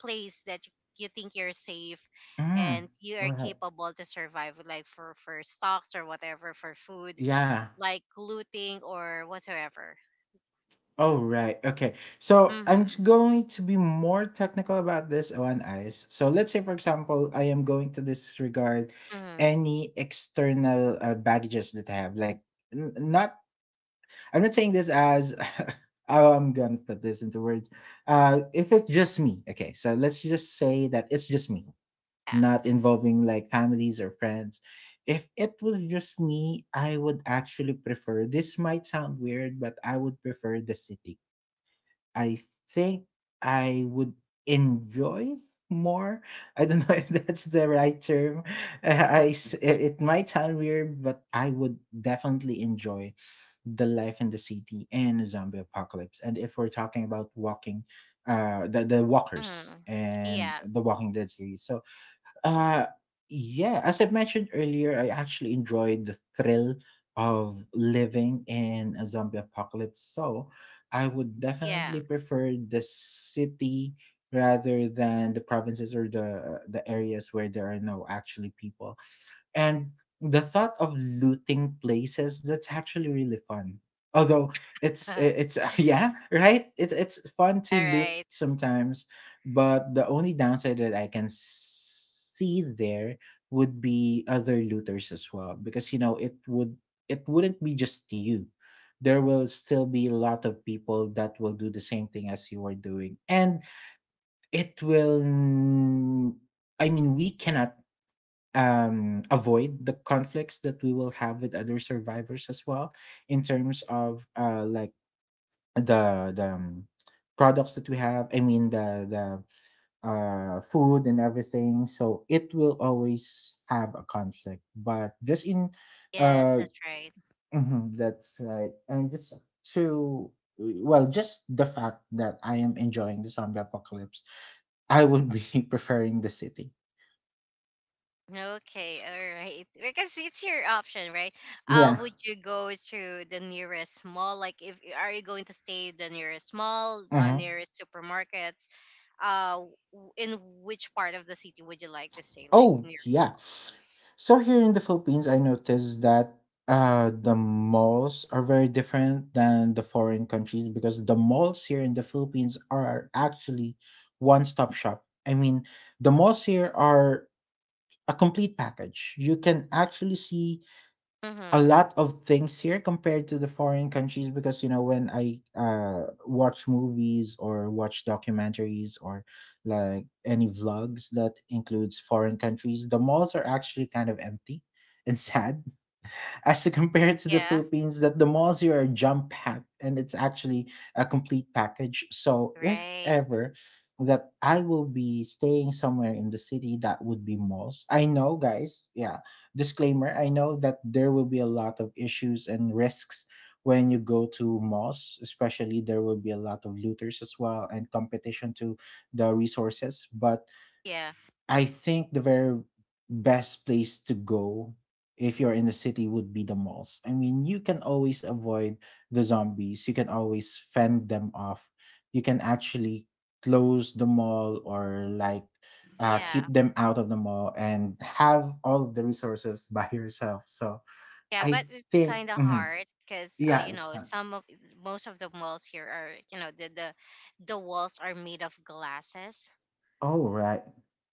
Speaker 1: place that you think you're safe
Speaker 2: mm,
Speaker 1: and you are
Speaker 2: right,
Speaker 1: capable to survive? Like for stocks or whatever for food,
Speaker 2: yeah.
Speaker 1: like looting or whatsoever.
Speaker 2: Oh right, okay. So I'm just
Speaker 1: Mm-hmm.
Speaker 2: going to be more technical about this one, eyes. So let's say, for example, I am going to disregard
Speaker 1: Mm-hmm.
Speaker 2: any external baggages that I have, like n- not I'm not saying this as I'm gonna put this into words. If it's just me, okay. So let's just say that it's just me,
Speaker 1: Yeah.
Speaker 2: not involving like families or friends. If it was just me, I would actually prefer. This might sound weird, but I would prefer the city. I think I would enjoy more. I don't know if that's the right term. It it might sound weird, but I would definitely enjoy the life in the city and a zombie apocalypse, and if we're talking about walking the walkers
Speaker 1: Mm.
Speaker 2: and
Speaker 1: Yeah.
Speaker 2: The Walking Dead series. So uh yeah, as I mentioned earlier, I actually enjoyed the thrill of living in a zombie apocalypse, so I would definitely
Speaker 1: Yeah.
Speaker 2: prefer the city rather than the provinces or the areas where there are no actually people, and the thought of looting places, that's actually really fun. Although
Speaker 1: All
Speaker 2: it's yeah, right? It's fun to loot
Speaker 1: right.
Speaker 2: sometimes, but the only downside that I can see there would be other looters as well, because you know it would it wouldn't be just you. There will still be a lot of people that will do the same thing as you are doing, and it will n- I mean we cannot avoid the conflicts that we will have with other survivors as well, in terms of like the products that we have. I mean the food and everything, so it will always have a conflict, but just in
Speaker 1: Yes,
Speaker 2: uh
Speaker 1: that's right.
Speaker 2: mhm, that's right. And just to, well, just the fact that I am enjoying the zombie apocalypse, I would be preferring the city.
Speaker 1: Okay, all right. Because it's your option, right?
Speaker 2: Yeah.
Speaker 1: Would you go to the nearest mall? Like, if are you going to stay the nearest mall,
Speaker 2: Hmm.
Speaker 1: nearest supermarkets? Uh, in which part of the city would you like to stay? Like
Speaker 2: Oh
Speaker 1: nearest
Speaker 2: yeah.
Speaker 1: mall?
Speaker 2: So here in the Philippines, I noticed that the malls are very different than the foreign countries, because the malls here in the Philippines are actually one-stop shop. I mean, the malls here are a complete package. You can actually see a
Speaker 1: Mm-hmm.
Speaker 2: lot of things here compared to the foreign countries, because you know when I watch movies or watch documentaries or like any vlogs that includes foreign countries, the malls are actually kind of empty and sad, as compared to the
Speaker 1: Yeah.
Speaker 2: Philippines, that the malls here are jump packed, and it's actually a complete package. So if
Speaker 1: Right.
Speaker 2: ever that I will be staying somewhere in the city, that would be malls. I know guys, yeah, disclaimer, I know that there will be a lot of issues and risks when you go to malls, especially there will be a lot of looters as well and competition to the resources, but
Speaker 1: Yeah.
Speaker 2: I think the very best place to go if you're in the city would be the malls. I mean, you can always avoid the zombies. You can always fend them off. You can actually close the mall or like
Speaker 1: Yeah.
Speaker 2: keep them out of the mall and have all of the resources by yourself. So
Speaker 1: Yeah.
Speaker 2: I
Speaker 1: But it's
Speaker 2: think,
Speaker 1: kind of
Speaker 2: mhm.
Speaker 1: hard because,
Speaker 2: Yeah,
Speaker 1: you know,
Speaker 2: it's not.
Speaker 1: some of most of the malls here are, you know, the walls are made of glasses.
Speaker 2: Oh, right.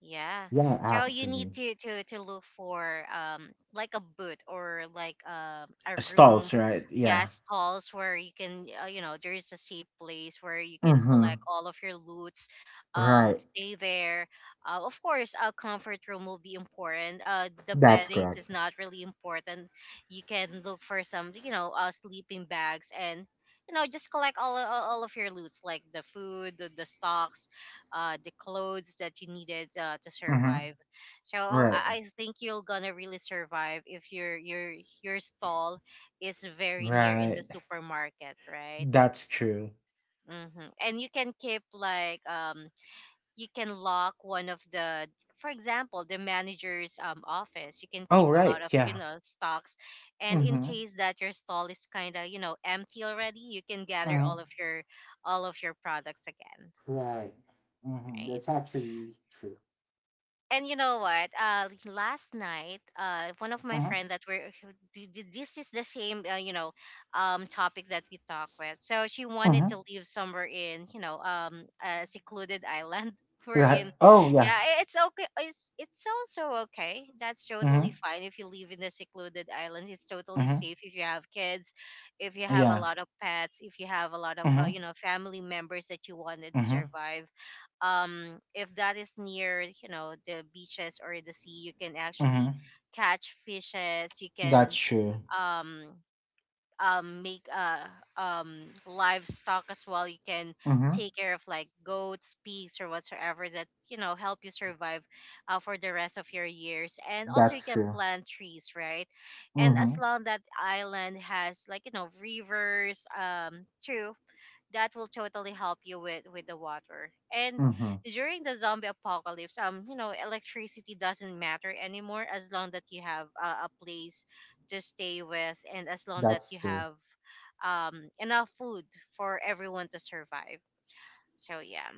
Speaker 1: Yeah.
Speaker 2: Yeah,
Speaker 1: So you need
Speaker 2: actually.
Speaker 1: to to look for like a booth or like a room,
Speaker 2: Stalls, right?
Speaker 1: yeah,
Speaker 2: Yeah.
Speaker 1: stalls, where you can, you know, there is a safe place where you can
Speaker 2: Mm-hmm.
Speaker 1: collect all of your loots,
Speaker 2: Right.
Speaker 1: stay there. Of course, a comfort room will be important. The
Speaker 2: That's
Speaker 1: beddings
Speaker 2: correct.
Speaker 1: is not really important. You can look for some, you know, uh, sleeping bags and. You know, just collect all of your loots, like the food, the stocks, the clothes that you needed to
Speaker 2: Mm-hmm.
Speaker 1: survive. So
Speaker 2: Right.
Speaker 1: I think you're gonna really survive if your stall is very near in the
Speaker 2: Right.
Speaker 1: supermarket, right?
Speaker 2: That's true.
Speaker 1: Mm-hmm. And you can keep like you can lock one of the, for example, the manager's office. You can keep
Speaker 2: Oh,
Speaker 1: a lot
Speaker 2: right.
Speaker 1: of, you
Speaker 2: Yeah.
Speaker 1: know, stocks, and in
Speaker 2: Mm-hmm.
Speaker 1: case that your stall is kind of, you know, empty already, you can gather
Speaker 2: Mm-hmm.
Speaker 1: all of your products again.
Speaker 2: Right. Hmm.
Speaker 1: Right?
Speaker 2: That's actually true.
Speaker 1: And you know what? Last night, one of my
Speaker 2: Mm-hmm.
Speaker 1: friend that were this is the same, you know, topic that we talk with. So she wanted
Speaker 2: Mm-hmm.
Speaker 1: to live somewhere in, you know, a secluded island. We're
Speaker 2: Right.
Speaker 1: in,
Speaker 2: Oh, yeah.
Speaker 1: yeah, it's okay. It's also okay. That's
Speaker 2: Mm-hmm.
Speaker 1: totally fine if you live in a secluded island. It's totally
Speaker 2: Mm-hmm.
Speaker 1: safe if you have kids, if you have a
Speaker 2: Yeah.
Speaker 1: lot of pets, if you have a lot of,
Speaker 2: Mm-hmm.
Speaker 1: you know, family members that you wanted to
Speaker 2: Mm-hmm.
Speaker 1: survive. If that is near, you know, the beaches or the sea, you can actually
Speaker 2: Mm-hmm.
Speaker 1: catch fishes, you
Speaker 2: That's
Speaker 1: can
Speaker 2: true.
Speaker 1: um make livestock as well, you can
Speaker 2: Mm-hmm.
Speaker 1: take care of like goats, pigs or whatsoever that you know help you survive for the rest of your years. And also you
Speaker 2: That's
Speaker 1: can
Speaker 2: true.
Speaker 1: plant trees, right? And as
Speaker 2: Mm-hmm.
Speaker 1: long that island has like, you know, rivers, true, that will totally help you with the water. And
Speaker 2: Mm-hmm.
Speaker 1: during the zombie apocalypse, you know electricity doesn't matter anymore, as long that you have, a place to stay with, and as long that you
Speaker 2: That's true.
Speaker 1: have enough food for everyone to survive. So yeah,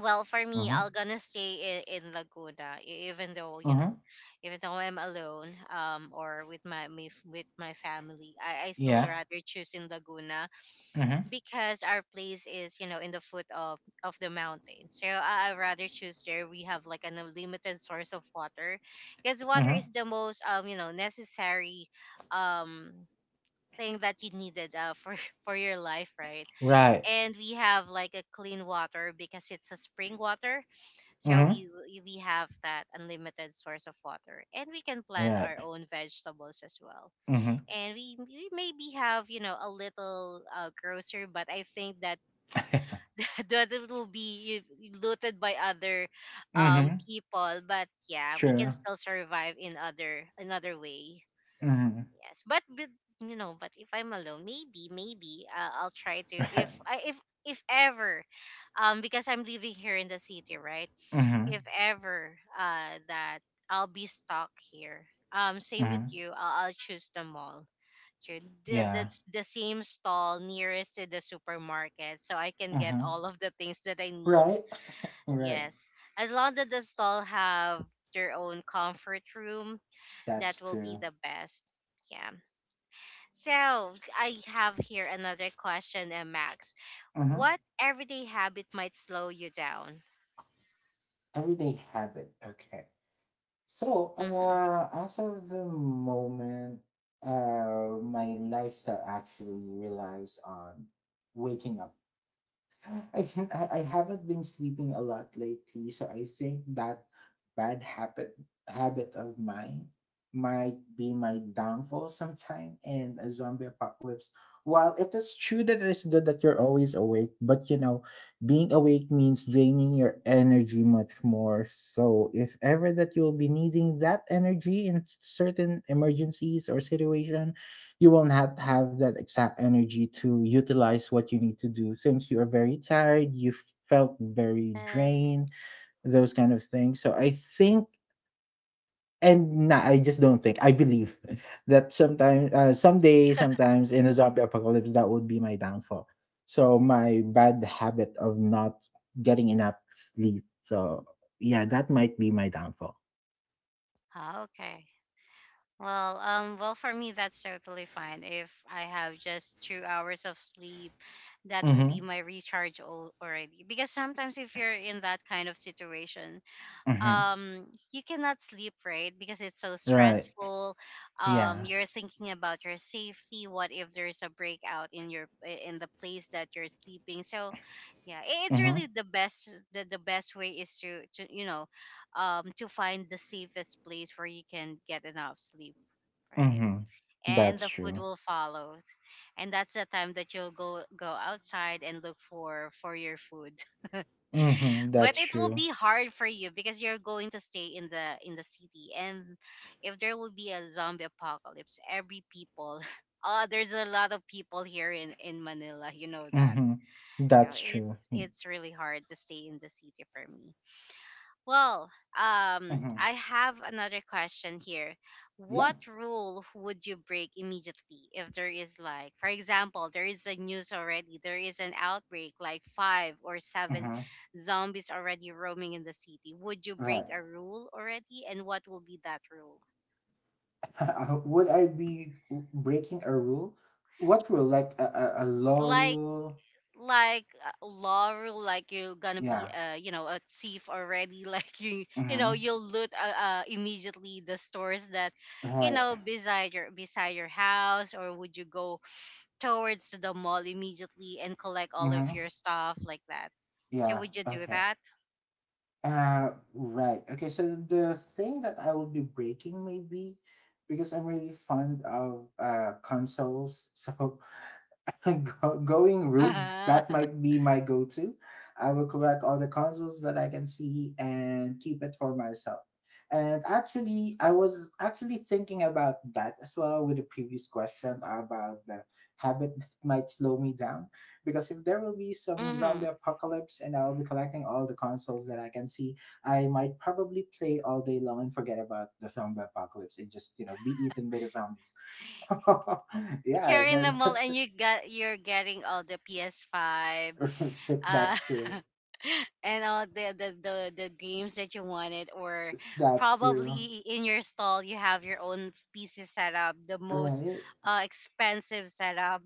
Speaker 1: well, for me,
Speaker 2: Mm-hmm.
Speaker 1: I'll gonna stay in laguna, even though you know,
Speaker 2: Mm-hmm.
Speaker 1: even though I'm alone, or with my with my family, I still
Speaker 2: Yeah.
Speaker 1: rather choose in laguna,
Speaker 2: Mm-hmm.
Speaker 1: because our place is, you know, in the foot of the mountain. So I rather choose there. We have like an unlimited source of water, because water
Speaker 2: Mm-hmm.
Speaker 1: is the most, um, you know, necessary, um, thing that you needed, for for your life, right?
Speaker 2: Right.
Speaker 1: And we have like a clean water, because it's a spring water. So
Speaker 2: Mm-hmm.
Speaker 1: we have that unlimited source of water, and we can plant
Speaker 2: Right.
Speaker 1: our own vegetables as well.
Speaker 2: Mm-hmm.
Speaker 1: And we maybe have, you know, a little, grocer, but I think that that it will be looted by other
Speaker 2: Mm-hmm.
Speaker 1: people. But yeah, we can
Speaker 2: True.
Speaker 1: still survive in other another way.
Speaker 2: Mm-hmm.
Speaker 1: Yes, but, you know, but if I'm alone, maybe I'll try to,
Speaker 2: Right.
Speaker 1: if If ever, because I'm living here in the city, right?
Speaker 2: Mm-hmm.
Speaker 1: If ever that I'll be stuck here. Same with
Speaker 2: Mm-hmm.
Speaker 1: you, I'll choose the mall. True.
Speaker 2: Yeah.
Speaker 1: That's the same stall nearest to the supermarket, so I can get
Speaker 2: Mhm.
Speaker 1: all of the things that I need.
Speaker 2: Right? Right.
Speaker 1: Yes, as long as the stall have their own comfort room, that
Speaker 2: That's
Speaker 1: will be
Speaker 2: true.
Speaker 1: the best. Yeah. So I have here another question, Max.
Speaker 2: Mm-hmm.
Speaker 1: What everyday habit might slow you down?
Speaker 2: Everyday habit. Okay. So,
Speaker 1: Mm-hmm.
Speaker 2: as of the moment, my lifestyle actually relies on waking up. I haven't been sleeping a lot lately, so I think that bad habit of mine might be my downfall sometime in a zombie apocalypse. While it is true that it is good that you're always awake, but you know, being awake means draining your energy much more. So if ever that you'll be needing that energy in certain emergencies or situations, you won't have that exact energy to utilize what you need to do since you are very tired, you felt very
Speaker 1: Yes.
Speaker 2: drained, those kind of things. So I think, and nah, I just don't think, I believe that sometimes, someday, sometimes in a zombie apocalypse, that would be my downfall. So my bad habit of not getting enough sleep, so yeah, that might be my downfall.
Speaker 1: Ah, okay. Well, well, for me, that's totally fine. If I have just 2 hours of sleep, that will be
Speaker 2: Mm-hmm.
Speaker 1: my recharge already. Because sometimes, if you're in that kind of situation,
Speaker 2: Mm-hmm.
Speaker 1: um, you cannot sleep, right? Because it's so
Speaker 2: Right.
Speaker 1: stressful.
Speaker 2: Yeah.
Speaker 1: You're thinking about your safety. What if there's a breakout in your in the place that you're sleeping? So, yeah, it's
Speaker 2: Mm-hmm.
Speaker 1: really the best. The best way is to to find the safest place where you can get enough sleep, right?
Speaker 2: Mm-hmm.
Speaker 1: And
Speaker 2: That's
Speaker 1: the food
Speaker 2: true.
Speaker 1: will follow. And that's the time that you'll go outside and look for your food.
Speaker 2: Mhm,
Speaker 1: But
Speaker 2: that's
Speaker 1: it will
Speaker 2: true.
Speaker 1: be hard for you because you're going to stay in the city. And if there will be a zombie apocalypse, every people, uh, there's a lot of people here in Manila, you know that.
Speaker 2: Mhm,
Speaker 1: So
Speaker 2: that's true.
Speaker 1: it's
Speaker 2: Mm,
Speaker 1: it's really hard to stay in the city for me. Well,
Speaker 2: mhm.
Speaker 1: I have another question here.
Speaker 2: Yeah,
Speaker 1: What rule would you break immediately if there is, like, for example, there is a news already, there is an outbreak, like five or seven
Speaker 2: mhm,
Speaker 1: zombies already roaming in the city. Would you break
Speaker 2: right.
Speaker 1: a rule already? And what will be that rule?
Speaker 2: Would I be breaking a rule? What rule? Like a, a law
Speaker 1: Like
Speaker 2: rule?
Speaker 1: like Laurel, like you're gonna be
Speaker 2: Yeah,
Speaker 1: uh, you know, a thief already. Like you know
Speaker 2: mhm,
Speaker 1: you'll loot uh, immediately the stores that you
Speaker 2: right.
Speaker 1: know beside your house, or would you go towards the mall immediately and collect all of
Speaker 2: Mhm.
Speaker 1: your stuff like that? So
Speaker 2: Yeah,
Speaker 1: would you do
Speaker 2: okay.
Speaker 1: that?
Speaker 2: Right. Okay, so the thing that I will be breaking, maybe because I'm really fond of consoles. So going rogue, that might be my go to. I will collect all the consoles that I can see and keep it for myself. And actually, I was actually thinking about that as well, with the previous question about the habit that might slow me down. Because if there will be some zombie
Speaker 1: Mm-hmm.
Speaker 2: apocalypse and I'll be collecting all the consoles that I can see, I might probably play all day long and forget about the zombie apocalypse and just, be eaten by the zombies. So, yeah,
Speaker 1: Here in the
Speaker 2: that,
Speaker 1: mall,
Speaker 2: that's
Speaker 1: and you got you're getting all the PS Five, uh,
Speaker 2: that's true.
Speaker 1: and all the, the games that you wanted, or
Speaker 2: That's true.
Speaker 1: probably in your stall you have your own pc setup, the most
Speaker 2: Right?
Speaker 1: expensive setup.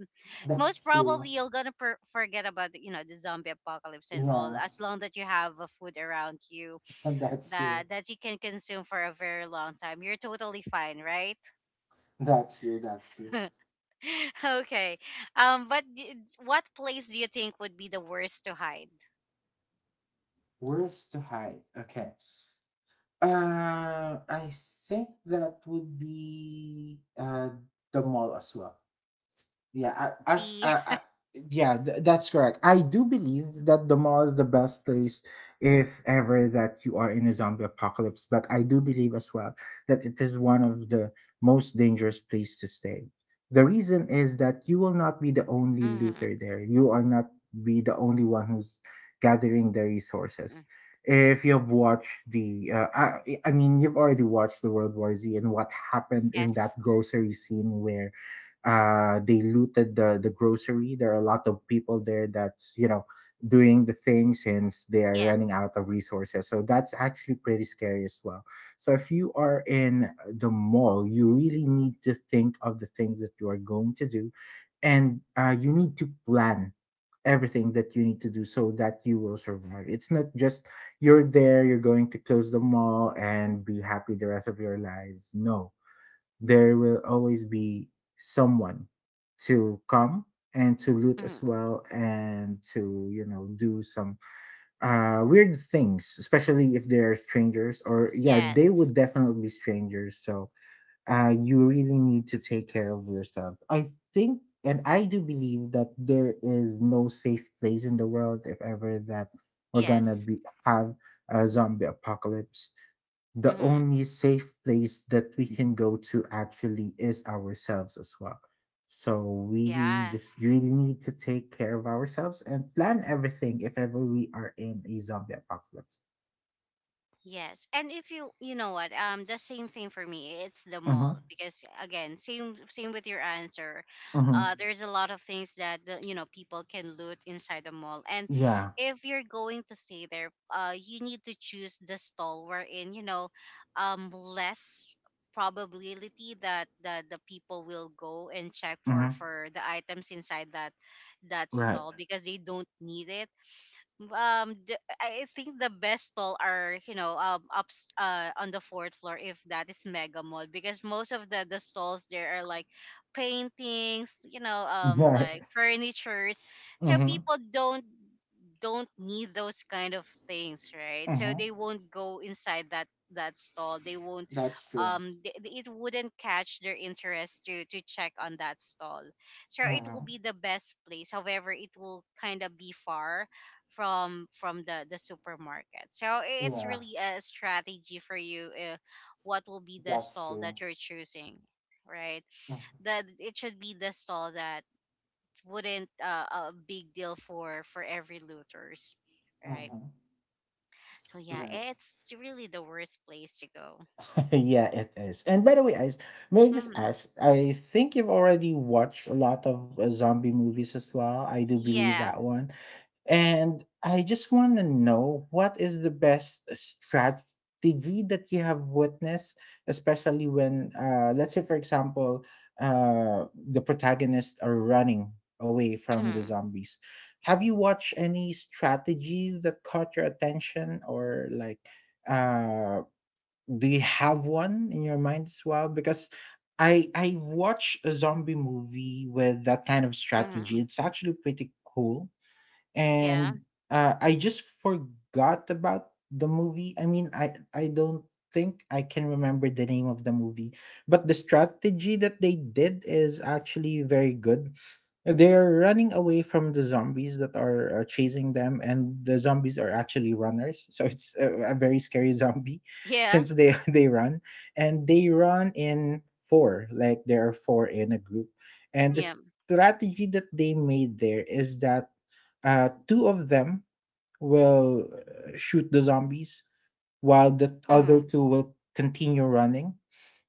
Speaker 1: Most
Speaker 2: That's true.
Speaker 1: probably you're gonna forget about, you know, the zombie apocalypse and all,
Speaker 2: Yeah,
Speaker 1: as long that you have a food around you
Speaker 2: that's true.
Speaker 1: that that you can consume for a very long time, you're totally fine, right?
Speaker 2: That's true. That's true.
Speaker 1: okay, um, what place do you think would be the worst to hide?
Speaker 2: Where's to hide? Okay. I think that would be the mall as well. Yeah, I- as
Speaker 1: The
Speaker 2: I, I, yeah, that's correct. I do believe that the mall is the best place if ever that you are in a zombie apocalypse, but I do believe as well that it is one of the most dangerous place to stay. The reason is that you will not be the only
Speaker 1: Mhm.
Speaker 2: looter there. You are not be the only one who's gathering the resources.
Speaker 1: Mm.
Speaker 2: If you've watched the, I mean, you've already watched the World War Z and what happened in that
Speaker 1: Yes,
Speaker 2: grocery scene where they looted the grocery, there are a lot of people there that's, you know, doing the thing since they are
Speaker 1: yes.
Speaker 2: running out of resources, so that's actually pretty scary as well. So if you are in the mall, you really need to think of the things that you are going to do, and you need to plan everything that you need to do so that you will survive. It's not just you're there, you're going to close the mall and be happy the rest of your lives. No, there will always be someone to come and to loot
Speaker 1: Mm.
Speaker 2: as well, and to, you know, do some weird things, especially if they're strangers. Or yeah, they
Speaker 1: Yes.
Speaker 2: would definitely be strangers. So uh, you really need to take care of yourself, I think. And I do believe that there is no safe place in the world if ever that we're gonna
Speaker 1: Yes.
Speaker 2: be have a zombie apocalypse. The
Speaker 1: Mm-hmm.
Speaker 2: only safe place that we can go to, actually, is ourselves as well. So we
Speaker 1: Yeah.
Speaker 2: just really need to take care of ourselves and plan everything if ever we are in a zombie apocalypse.
Speaker 1: Yes. And if you know what, the same thing for me, it's the mall
Speaker 2: Mm-hmm.
Speaker 1: because again, same with your answer.
Speaker 2: Mm-hmm.
Speaker 1: Uh, there's a lot of things that the, you know, people can loot inside the mall. And
Speaker 2: Yeah.
Speaker 1: if you're going to stay there, uh, you need to choose the stall wherein, you know, less probability that the people will go and check
Speaker 2: Mm-hmm.
Speaker 1: for the items inside that that
Speaker 2: Right.
Speaker 1: stall because they don't need it. Um, I think the best stall are, you know, um, ups, uh, on the fourth floor, if that is mega mall, because most of the stalls there are like paintings, you know, um,
Speaker 2: Right.
Speaker 1: like furnitures, so
Speaker 2: Mm-hmm.
Speaker 1: people don't need those kind of things, right? So
Speaker 2: Mm-hmm.
Speaker 1: they won't go inside that that stall, they won't,
Speaker 2: That's true.
Speaker 1: um, it wouldn't catch their interest to check on that stall. So it will
Speaker 2: Mm-hmm.
Speaker 1: be the best place, however it will kind of be far from the supermarket. So it's
Speaker 2: Yeah,
Speaker 1: really a strategy for you, what will be the
Speaker 2: that's
Speaker 1: stall
Speaker 2: true.
Speaker 1: that you're choosing, right?
Speaker 2: Mm-hmm.
Speaker 1: That it should be the stall that wouldn't, a big deal for every looters, right?
Speaker 2: Mm-hmm.
Speaker 1: So yeah,
Speaker 2: Right.
Speaker 1: it's really the worst place to go.
Speaker 2: Yeah, it is. And by the way, I, may I just
Speaker 1: Hmm,
Speaker 2: ask, I think you've already watched a lot of zombie movies as well. I do believe
Speaker 1: yeah.
Speaker 2: that one. And I just want to know what is the best strategy that you have witnessed, especially when, let's say, for example, uh, the protagonists are running away from the
Speaker 1: Hmm.
Speaker 2: zombies. Have you watched any strategy that caught your attention or like? Uh, do you have one in your mind as well? Because I watch a zombie movie with that kind of strategy.
Speaker 1: Hmm,
Speaker 2: It's actually pretty cool,
Speaker 1: yeah,
Speaker 2: and I just forgot about the movie. I mean, I don't think I can remember the name of the movie, but the strategy that they did is actually very good. They're running away from the zombies that are chasing them, and the zombies are actually runners. So it's a very scary zombie,
Speaker 1: yeah,
Speaker 2: since they they run, and they run in four, like there are four in a group, and the
Speaker 1: yeah.
Speaker 2: strategy that they made there is that two of them will shoot the zombies, while the other
Speaker 1: Hmm,
Speaker 2: two will continue running.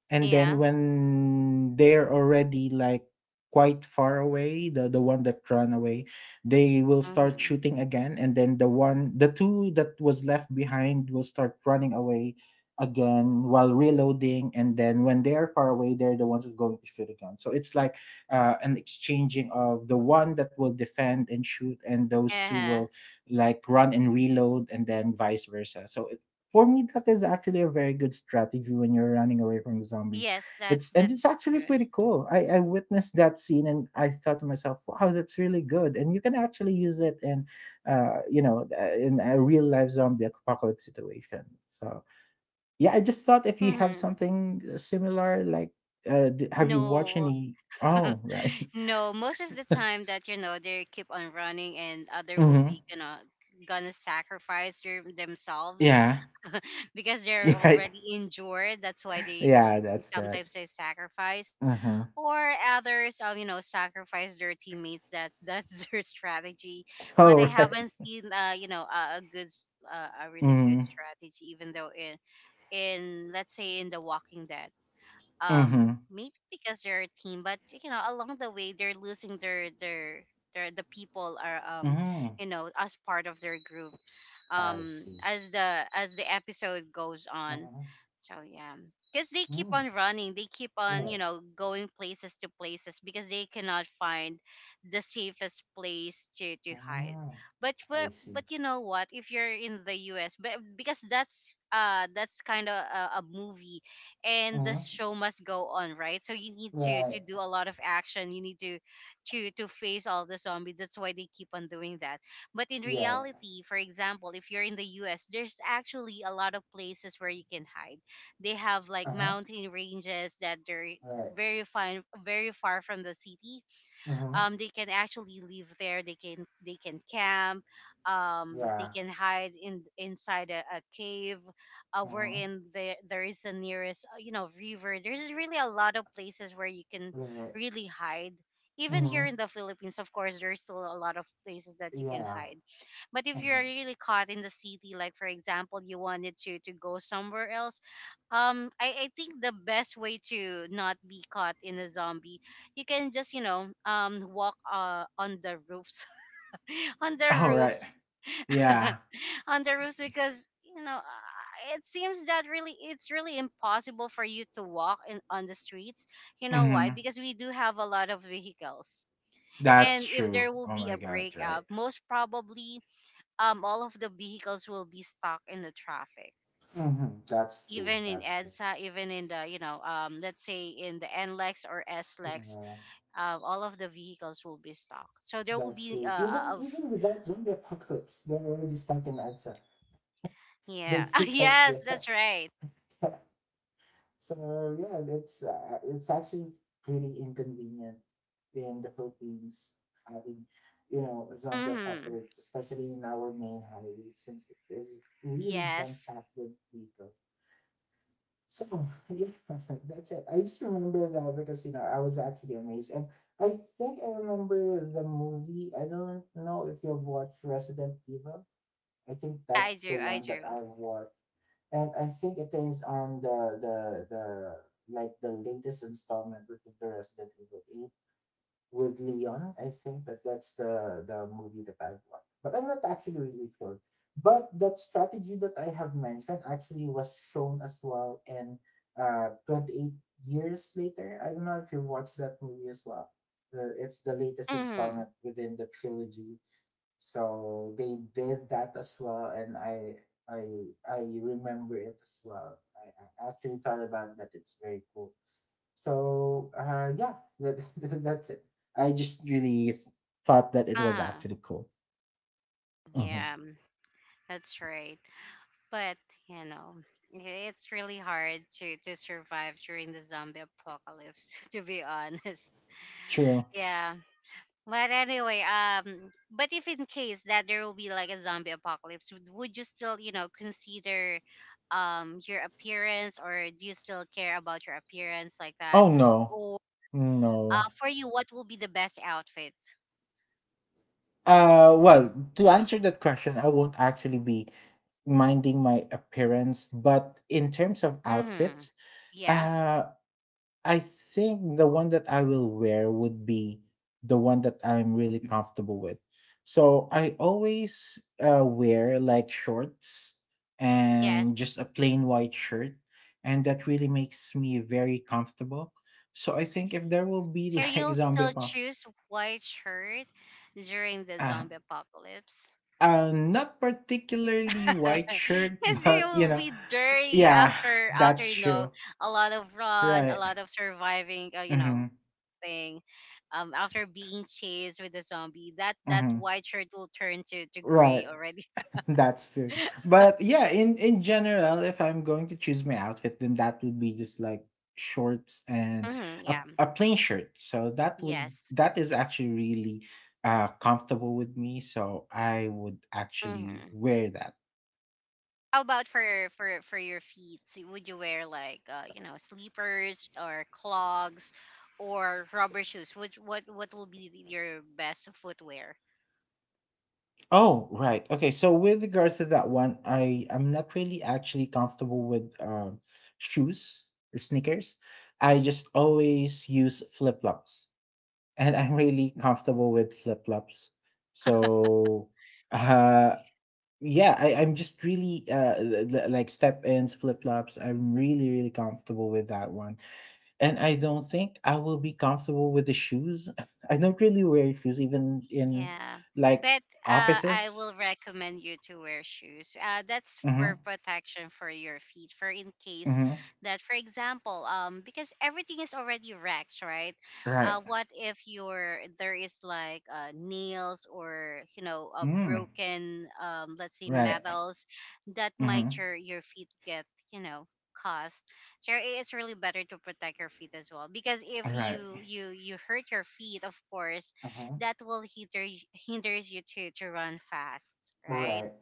Speaker 2: And then
Speaker 1: yeah.
Speaker 2: when they're already like quite far away, the one that ran away, they will start
Speaker 1: Hmm.
Speaker 2: shooting again. And then the two that was left behind will start running away again while reloading. And then when they're far away, they're the ones who are going to shoot again. So it's like an exchanging of the one that will defend and shoot, and those two
Speaker 1: Uh-huh.
Speaker 2: will like run and reload, and then vice versa. So it, for me, that is actually a very good strategy when you're running away from the zombies.
Speaker 1: Yes, that's
Speaker 2: It's, and it's
Speaker 1: that's
Speaker 2: actually
Speaker 1: good.
Speaker 2: pretty cool. I witnessed that scene and I thought to myself, wow, that's really good, and you can actually use it in uh, you know, in a real life zombie apocalypse situation. So yeah, I just thought if you have
Speaker 1: Hmm.
Speaker 2: something similar like have you watched
Speaker 1: No.
Speaker 2: any? Oh right.
Speaker 1: No, most of the time that, you know, they keep on running and other will
Speaker 2: Mm-hmm.
Speaker 1: be gonna gonna sacrifice themselves
Speaker 2: Yeah.
Speaker 1: because
Speaker 2: You're
Speaker 1: they're
Speaker 2: right.
Speaker 1: already injured. That's why they to,
Speaker 2: Yeah, that's correct.
Speaker 1: sometimes they sacrifice,
Speaker 2: Uh huh.
Speaker 1: or others, you know, sacrifice their teammates. That's their strategy.
Speaker 2: Oh
Speaker 1: But I
Speaker 2: right.
Speaker 1: haven't seen, you know, a good, a really good
Speaker 2: Mm-hmm.
Speaker 1: strategy. Even though in, let's say, in the Walking Dead, um, maybe because they're a team, but you know, along the way they're losing their, the people are, um,
Speaker 2: Mm-hmm.
Speaker 1: you know, as part of their group,
Speaker 2: I
Speaker 1: um,
Speaker 2: see.
Speaker 1: as the episode goes on.
Speaker 2: Uh-huh.
Speaker 1: So yeah, because they keep
Speaker 2: Mm.
Speaker 1: on running, they keep on, you
Speaker 2: Right.
Speaker 1: know, going places to places because they cannot find the safest place to hide.
Speaker 2: Uh-huh.
Speaker 1: But for,
Speaker 2: I see.
Speaker 1: but you know what, if you're in the us, but because that's uh, that's kind of a movie, and the
Speaker 2: Uh-huh.
Speaker 1: show must go on, right? So you need
Speaker 2: Right.
Speaker 1: to do a lot of action, you need to face all the zombies. That's why they keep on doing that. But in
Speaker 2: Yeah.
Speaker 1: reality, for example, if you're in the US, there's actually a lot of places where you can hide. They have like
Speaker 2: Uh-huh.
Speaker 1: mountain ranges that they're
Speaker 2: Right.
Speaker 1: very fine, very far from the city.
Speaker 2: Uh-huh.
Speaker 1: They can actually live there, they can camp, they
Speaker 2: Yeah.
Speaker 1: can hide in inside a cave,
Speaker 2: Uh-huh.
Speaker 1: wherein the, there is the nearest you know, river. There's really a lot of places where you can
Speaker 2: Right.
Speaker 1: really hide. Even here
Speaker 2: Uh-huh.
Speaker 1: in the philippines, of course, there's still a lot of places that you can
Speaker 2: Yeah.
Speaker 1: hide. But if you're
Speaker 2: Uh-huh.
Speaker 1: really caught in the city, like, for example, you wanted to go somewhere else, um, I think the best way to not be caught in a zombie, you can just, you know, um, walk on the roofs, on the
Speaker 2: All right.
Speaker 1: roofs,
Speaker 2: Yeah.
Speaker 1: on the roofs, because, you know, it seems that really it's really impossible for you to walk in on the streets. You know why?
Speaker 2: Mm-hmm.
Speaker 1: Because we do have a lot of vehicles.
Speaker 2: That's
Speaker 1: And if
Speaker 2: true.
Speaker 1: there will
Speaker 2: Oh
Speaker 1: be
Speaker 2: my
Speaker 1: a
Speaker 2: god. Right.
Speaker 1: breakout, most probably, um, all of the vehicles will be stuck in the traffic,
Speaker 2: Uh-huh. That's true.
Speaker 1: even in
Speaker 2: That's true.
Speaker 1: EDSA, even in the, you know, um, let's say, in the NLEX or SLEX,
Speaker 2: Yeah,
Speaker 1: all of the vehicles will be stocked. So there will
Speaker 2: that's
Speaker 1: be
Speaker 2: true.
Speaker 1: uh,
Speaker 2: Even
Speaker 1: of
Speaker 2: even without zombie apocalypse, they're already stuck in Edsa. The
Speaker 1: yeah.
Speaker 2: because
Speaker 1: yes,
Speaker 2: they're
Speaker 1: that's right.
Speaker 2: so yeah, it's actually pretty inconvenient in the Philippines having, you know, a zombie
Speaker 1: Mm-hmm.
Speaker 2: apocalypse, especially in our main highway, since it is really jam
Speaker 1: Yes,
Speaker 2: packed with vehicles. So yeah, that's it. I just remember that because, you know, I was actually amazed, and I think I remember the movie. I don't know if you've watched Resident Evil. I think
Speaker 1: I
Speaker 2: that's the
Speaker 1: do, I
Speaker 2: one that
Speaker 1: do.
Speaker 2: I've watched, and I think it is on the like the latest installment, with the Resident Evil Eight with Leon. I think that that's the movie that I've watched, but I'm not actually really sure. But that strategy that I have mentioned actually was shown as well in 28 years later. I don't know if you watched that movie as well. It's the latest
Speaker 1: Mm-hmm.
Speaker 2: installment within the trilogy, so they did that as well, and I remember it as well. I actually thought about that. It's very cool. So yeah, that, that's it. I just really thought that it was
Speaker 1: Uh,
Speaker 2: actually cool. Hmm.
Speaker 1: yeah, that's right. But you know, i- it's really hard to survive during the zombie apocalypse. To be honest,
Speaker 2: True.
Speaker 1: yeah. But anyway, but if in case that there will be like a zombie apocalypse, would you still, you know, consider um, your appearance, or do you still care about your appearance like that?
Speaker 2: Oh no,
Speaker 1: Or
Speaker 2: no.
Speaker 1: for you, what will be the best outfit?
Speaker 2: Well, to answer that question, I won't actually be minding my appearance, but in terms of
Speaker 1: Mm-hmm.
Speaker 2: outfits,
Speaker 1: Yeah.
Speaker 2: uh, I think the one that I will wear would be the one that I'm really comfortable with. So I always wear like shorts
Speaker 1: Yes.
Speaker 2: and just a plain white shirt, and that really makes me very comfortable. So I think if there will be
Speaker 1: So
Speaker 2: like
Speaker 1: you'll
Speaker 2: zombie
Speaker 1: still
Speaker 2: upon,
Speaker 1: choose white shirt during the
Speaker 2: uh,
Speaker 1: zombie apocalypse.
Speaker 2: not particularly white shirt,
Speaker 1: Because it
Speaker 2: but you
Speaker 1: will
Speaker 2: know,
Speaker 1: be dirty
Speaker 2: yeah,
Speaker 1: after after,
Speaker 2: that's
Speaker 1: you know,
Speaker 2: true.
Speaker 1: a lot of run, a
Speaker 2: Right.
Speaker 1: lot of surviving, you know,
Speaker 2: Mm-hmm.
Speaker 1: thing. After being chased with the zombie, that that
Speaker 2: Mm-hmm.
Speaker 1: white shirt will turn to
Speaker 2: Right.
Speaker 1: gray already.
Speaker 2: That's true. But yeah, in general, if I'm going to choose my outfit, then that would be just like shorts and
Speaker 1: hmm, yeah.
Speaker 2: a plain shirt. So that would,
Speaker 1: Yes.
Speaker 2: that is actually really comfortable with me. So I would actually
Speaker 1: Hmm.
Speaker 2: wear that.
Speaker 1: How about for your feet? So, would you wear like, you know, sleepers or clogs or rubber shoes? Which what will be your best footwear?
Speaker 2: Oh, right. Okay. So with regards to that one, I I'm not really actually comfortable with shoes or sneakers. I just always use flip-flops, and I'm really comfortable with flip flops. So, uh, yeah, I'm just really like step ins, flip flops. I'm really really comfortable with that one, and I don't think I will be comfortable with the shoes. I don't really wear shoes even in
Speaker 1: Yeah,
Speaker 2: like
Speaker 1: but I will
Speaker 2: offices.
Speaker 1: recommend you to wear shoes. That's for
Speaker 2: Mm-hmm.
Speaker 1: protection for your feet, for in case
Speaker 2: Mm-hmm.
Speaker 1: that, for example, because everything is already wrecked, right?
Speaker 2: Right.
Speaker 1: What if your there is like, nails or, you know, a
Speaker 2: Mm.
Speaker 1: broken, let's say,
Speaker 2: Right.
Speaker 1: metals that might
Speaker 2: Mm-hmm.
Speaker 1: your feet get, you know, caused. So it's really better to protect your feet as well, because if
Speaker 2: Right.
Speaker 1: you you hurt your feet, of course
Speaker 2: Uh-huh.
Speaker 1: that will hinders you to run fast, right?
Speaker 2: Right.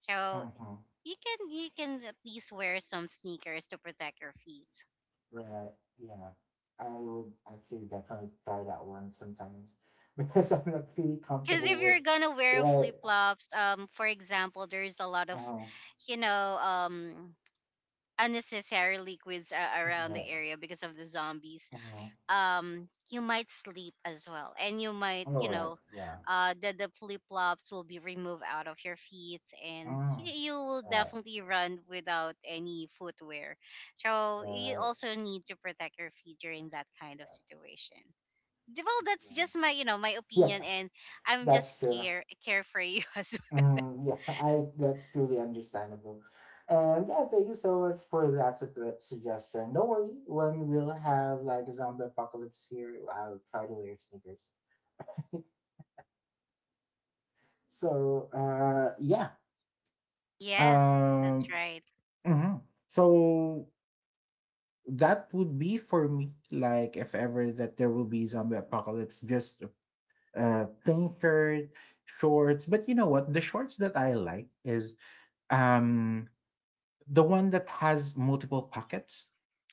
Speaker 1: So
Speaker 2: Uh-huh.
Speaker 1: you can at least wear some sneakers to protect your feet.
Speaker 2: Right, yeah. I would actually definitely try that one sometimes because I'm not really
Speaker 1: Because
Speaker 2: comfortable
Speaker 1: if
Speaker 2: with
Speaker 1: you're gonna wear
Speaker 2: right.
Speaker 1: flip flops, for example, there's a lot of,
Speaker 2: Oh,
Speaker 1: you know, unnecessary liquids around the
Speaker 2: right.
Speaker 1: area because of the zombies.
Speaker 2: Oh,
Speaker 1: Um, you might sleep as well, and you might,
Speaker 2: all
Speaker 1: you
Speaker 2: right.
Speaker 1: know,
Speaker 2: Yeah.
Speaker 1: uh, the flip-flops will be removed out of your feet, and
Speaker 2: Oh,
Speaker 1: you will
Speaker 2: right.
Speaker 1: definitely run without any footwear. So you
Speaker 2: Right.
Speaker 1: also need to protect your feet during that kind of situation. Well, that's
Speaker 2: Yeah.
Speaker 1: just my, you know, my opinion,
Speaker 2: Yeah,
Speaker 1: and I'm just
Speaker 2: that's true.
Speaker 1: carefree as well.
Speaker 2: Mm, yeah, I that's truly understandable. And yeah, thank you so much for that suggestion. Don't worry, when we'll have like a zombie apocalypse here, I'll try to wear sneakers. So yeah.
Speaker 1: Yes, that's
Speaker 2: Um
Speaker 1: right.
Speaker 2: mhm. So that would be for me like if ever that there will be zombie apocalypse, just plain shirt, shorts. But you know what? The shorts that I like is um the one that has multiple pockets.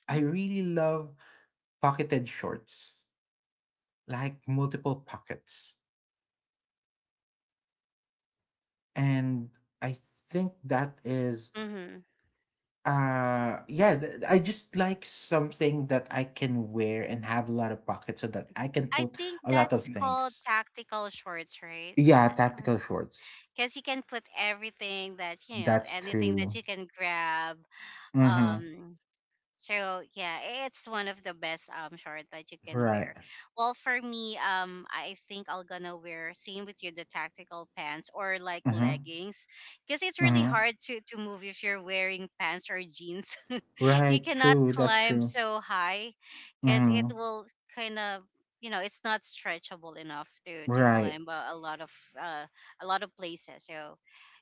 Speaker 2: I really love pocketed shorts, like multiple pockets. And I think that is
Speaker 1: Mm-hmm.
Speaker 2: Yeah, I just like something that I can wear and have a lot of pockets so that I can
Speaker 1: I
Speaker 2: put
Speaker 1: think
Speaker 2: a lot of
Speaker 1: that's called
Speaker 2: things.
Speaker 1: tactical shorts, right?
Speaker 2: Yeah,
Speaker 1: I don't know.
Speaker 2: tactical shorts.
Speaker 1: Because you can put everything that you know,
Speaker 2: That's
Speaker 1: anything that
Speaker 2: true.
Speaker 1: you can grab.
Speaker 2: Mm-hmm.
Speaker 1: um so yeah, it's one of the best short that you can
Speaker 2: Right.
Speaker 1: wear. Well, for me, I think I'll gonna wear same with you, the tactical pants or like
Speaker 2: Mm-hmm.
Speaker 1: leggings, because it's really
Speaker 2: Mm-hmm.
Speaker 1: hard to move if you're wearing pants or jeans. You
Speaker 2: Right.
Speaker 1: cannot
Speaker 2: True. That's
Speaker 1: climb
Speaker 2: true.
Speaker 1: so high because it
Speaker 2: Mm-hmm.
Speaker 1: will kind of, you know, it's not stretchable enough to
Speaker 2: Right.
Speaker 1: climb a lot of uh, a lot of places. So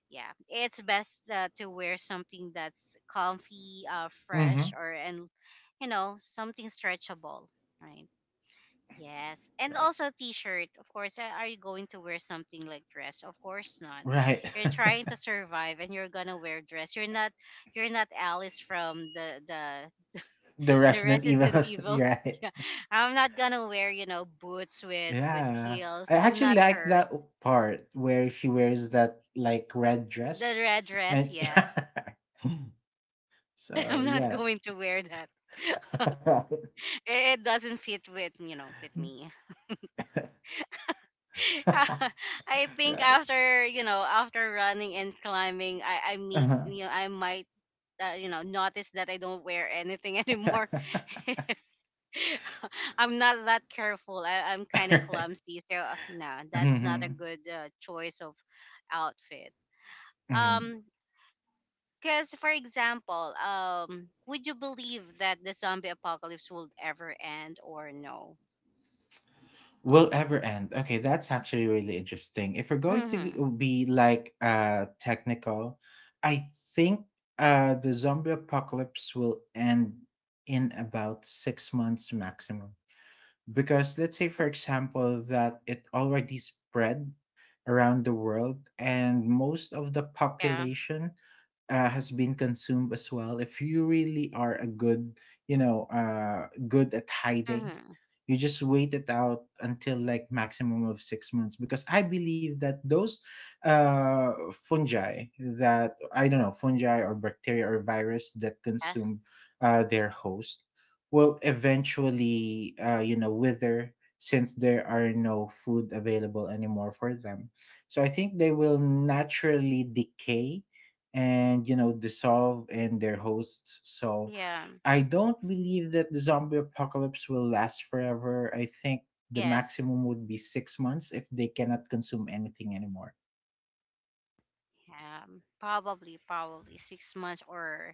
Speaker 1: yeah, it's best to wear something that's comfy,
Speaker 2: Mm-hmm.
Speaker 1: fresh, or and you know something stretchable, right? Yes, and
Speaker 2: Right.
Speaker 1: also t-shirt, of course. Are you going to wear something like dress? Of course not.
Speaker 2: Right.
Speaker 1: You're trying to survive and you're gonna wear dress? You're not. You're not Alice from the
Speaker 2: the
Speaker 1: the
Speaker 2: Resident Evil.
Speaker 1: Resident Evil.
Speaker 2: Right.
Speaker 1: Yeah, I'm not gonna wear, you know, boots with
Speaker 2: Yeah. I
Speaker 1: heels. I'm
Speaker 2: actually
Speaker 1: not
Speaker 2: like
Speaker 1: her.
Speaker 2: that part where she wears that like red
Speaker 1: The
Speaker 2: dress
Speaker 1: red dress,
Speaker 2: and
Speaker 1: yeah.
Speaker 2: so
Speaker 1: I'm not
Speaker 2: yeah,
Speaker 1: going to wear that. It doesn't fit with, you know, with me. I think
Speaker 2: right,
Speaker 1: after, you know, after running and climbing, I meet,
Speaker 2: uh-huh.
Speaker 1: you know, I might. You know, notice that I don't wear anything anymore. I'm not that careful. I'm kind of
Speaker 2: Right.
Speaker 1: clumsy, so no, that's not a
Speaker 2: Hmm.
Speaker 1: good choice of outfit.
Speaker 2: Hmm.
Speaker 1: Um, Because, for example, would you believe that the zombie apocalypse will ever end or no?
Speaker 2: Will ever end. Okay, that's actually really interesting. If we're going
Speaker 1: Mm-hmm.
Speaker 2: to be like technical, I think the zombie apocalypse will end in about 6 months maximum. Because let's say, for example, that it already spread around the world and most of the
Speaker 1: Yeah.
Speaker 2: population, has been consumed as well. If you really are a good, you know, uh, good at hiding,
Speaker 1: Mm-hmm.
Speaker 2: you just wait it out until like maximum of 6 months, because I believe that those, uh, fungi, that I don't know, fungi or bacteria or virus that
Speaker 1: Yeah.
Speaker 2: consume, their host will eventually, you know, wither, since there are no food available anymore for them. So I think they will naturally decay and, you know, dissolve and their hosts. So
Speaker 1: Yeah.
Speaker 2: I don't believe that the zombie apocalypse will last forever. I think the
Speaker 1: Yes.
Speaker 2: maximum would be 6 months if they cannot consume anything anymore.
Speaker 1: Yeah. Probably, probably 6 months, or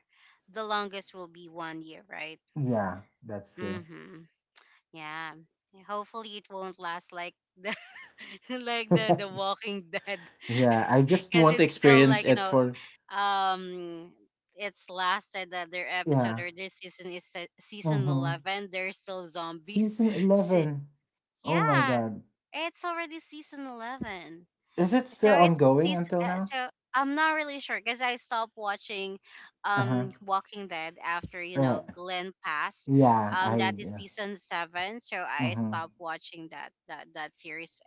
Speaker 1: the longest will be 1 year, right?
Speaker 2: Yeah, that's true.
Speaker 1: Mm-hmm. Yeah. Hopefully, it won't last like the like the Walking Dead,
Speaker 2: Yeah, I just
Speaker 1: because
Speaker 2: want to
Speaker 1: it's still
Speaker 2: experience
Speaker 1: like, you
Speaker 2: it
Speaker 1: know,
Speaker 2: for
Speaker 1: um it's lasted that their episode
Speaker 2: yeah.
Speaker 1: or this season is season
Speaker 2: Mm-hmm.
Speaker 1: 11, they're still zombies.
Speaker 2: Season
Speaker 1: Shi-
Speaker 2: 11. Oh my
Speaker 1: yeah,
Speaker 2: god.
Speaker 1: it's already season 11.
Speaker 2: Is it
Speaker 1: So
Speaker 2: still
Speaker 1: it's
Speaker 2: ongoing until now?
Speaker 1: so I'm not really sure because I stopped watching
Speaker 2: Uh-huh.
Speaker 1: Walking Dead after, you know,
Speaker 2: Right.
Speaker 1: Glenn passed.
Speaker 2: Yeah,
Speaker 1: That
Speaker 2: I
Speaker 1: is season seven, so I
Speaker 2: mm-hmm.
Speaker 1: stopped watching that that series.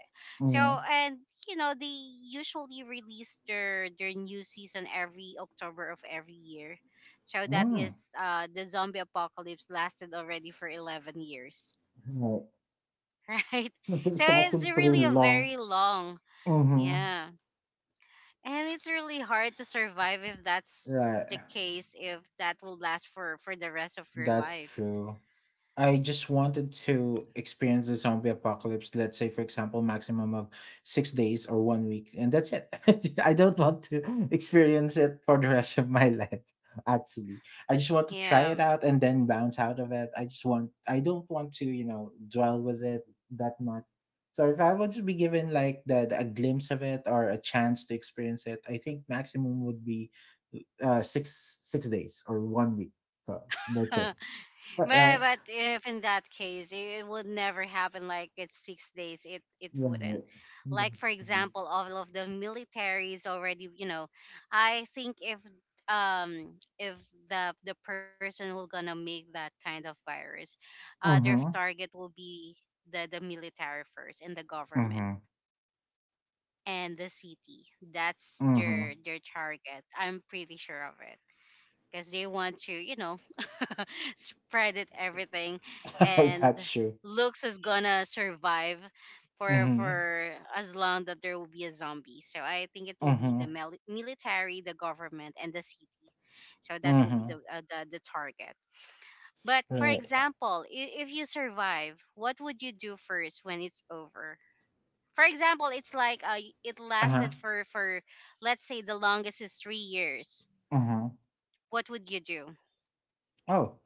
Speaker 1: So,
Speaker 2: Mm-hmm.
Speaker 1: and you know, they usually release their new season every October of every year. So that is
Speaker 2: Mm.
Speaker 1: the zombie apocalypse lasted already for 11 years,
Speaker 2: Right.
Speaker 1: right? So
Speaker 2: It's
Speaker 1: it's
Speaker 2: actually pretty
Speaker 1: really a
Speaker 2: long.
Speaker 1: very long,
Speaker 2: Mm-hmm.
Speaker 1: yeah, and it's really hard to survive if that's
Speaker 2: Right.
Speaker 1: the case, if that will last for the rest of your
Speaker 2: That's
Speaker 1: life.
Speaker 2: true. I just wanted to experience the zombie apocalypse, let's say, for example, maximum of 6 days or one week, and that's it. I don't want to experience it for the rest of my life, actually. I just want to try
Speaker 1: Yeah.
Speaker 2: it out and then bounce out of it. I just want, I don't want to, you know, dwell with it that much. So if I would just be given like that a glimpse of it or a chance to experience it, I think maximum would be six days or one week. So that's it.
Speaker 1: but
Speaker 2: Right.
Speaker 1: but if in that case, it would never happen like it's 6 days, it it wouldn't.
Speaker 2: Right.
Speaker 1: Like, for
Speaker 2: That's true.
Speaker 1: example, all of the militaries already, you know, I think if the person who gonna make that kind of virus, their
Speaker 2: Mhm.
Speaker 1: target will be the military first, and the government,
Speaker 2: Mhm.
Speaker 1: and the city. That's their
Speaker 2: Mhm.
Speaker 1: their target. I'm pretty sure of it because they want to, you know, spread it everything, and
Speaker 2: That's true.
Speaker 1: looks is gonna survive for
Speaker 2: Mhm.
Speaker 1: for as long that there will be a zombie. So I think it will be the
Speaker 2: Mhm.
Speaker 1: military, the government, and the city. So that will be the
Speaker 2: Mhm.
Speaker 1: the target. But for
Speaker 2: Right.
Speaker 1: example, if you survive, what would you do first when it's over? For example, it's like it
Speaker 2: Uh-huh.
Speaker 1: lasted for let's say the longest is 3 years.
Speaker 2: Mhm.
Speaker 1: What would you do?
Speaker 2: Oh,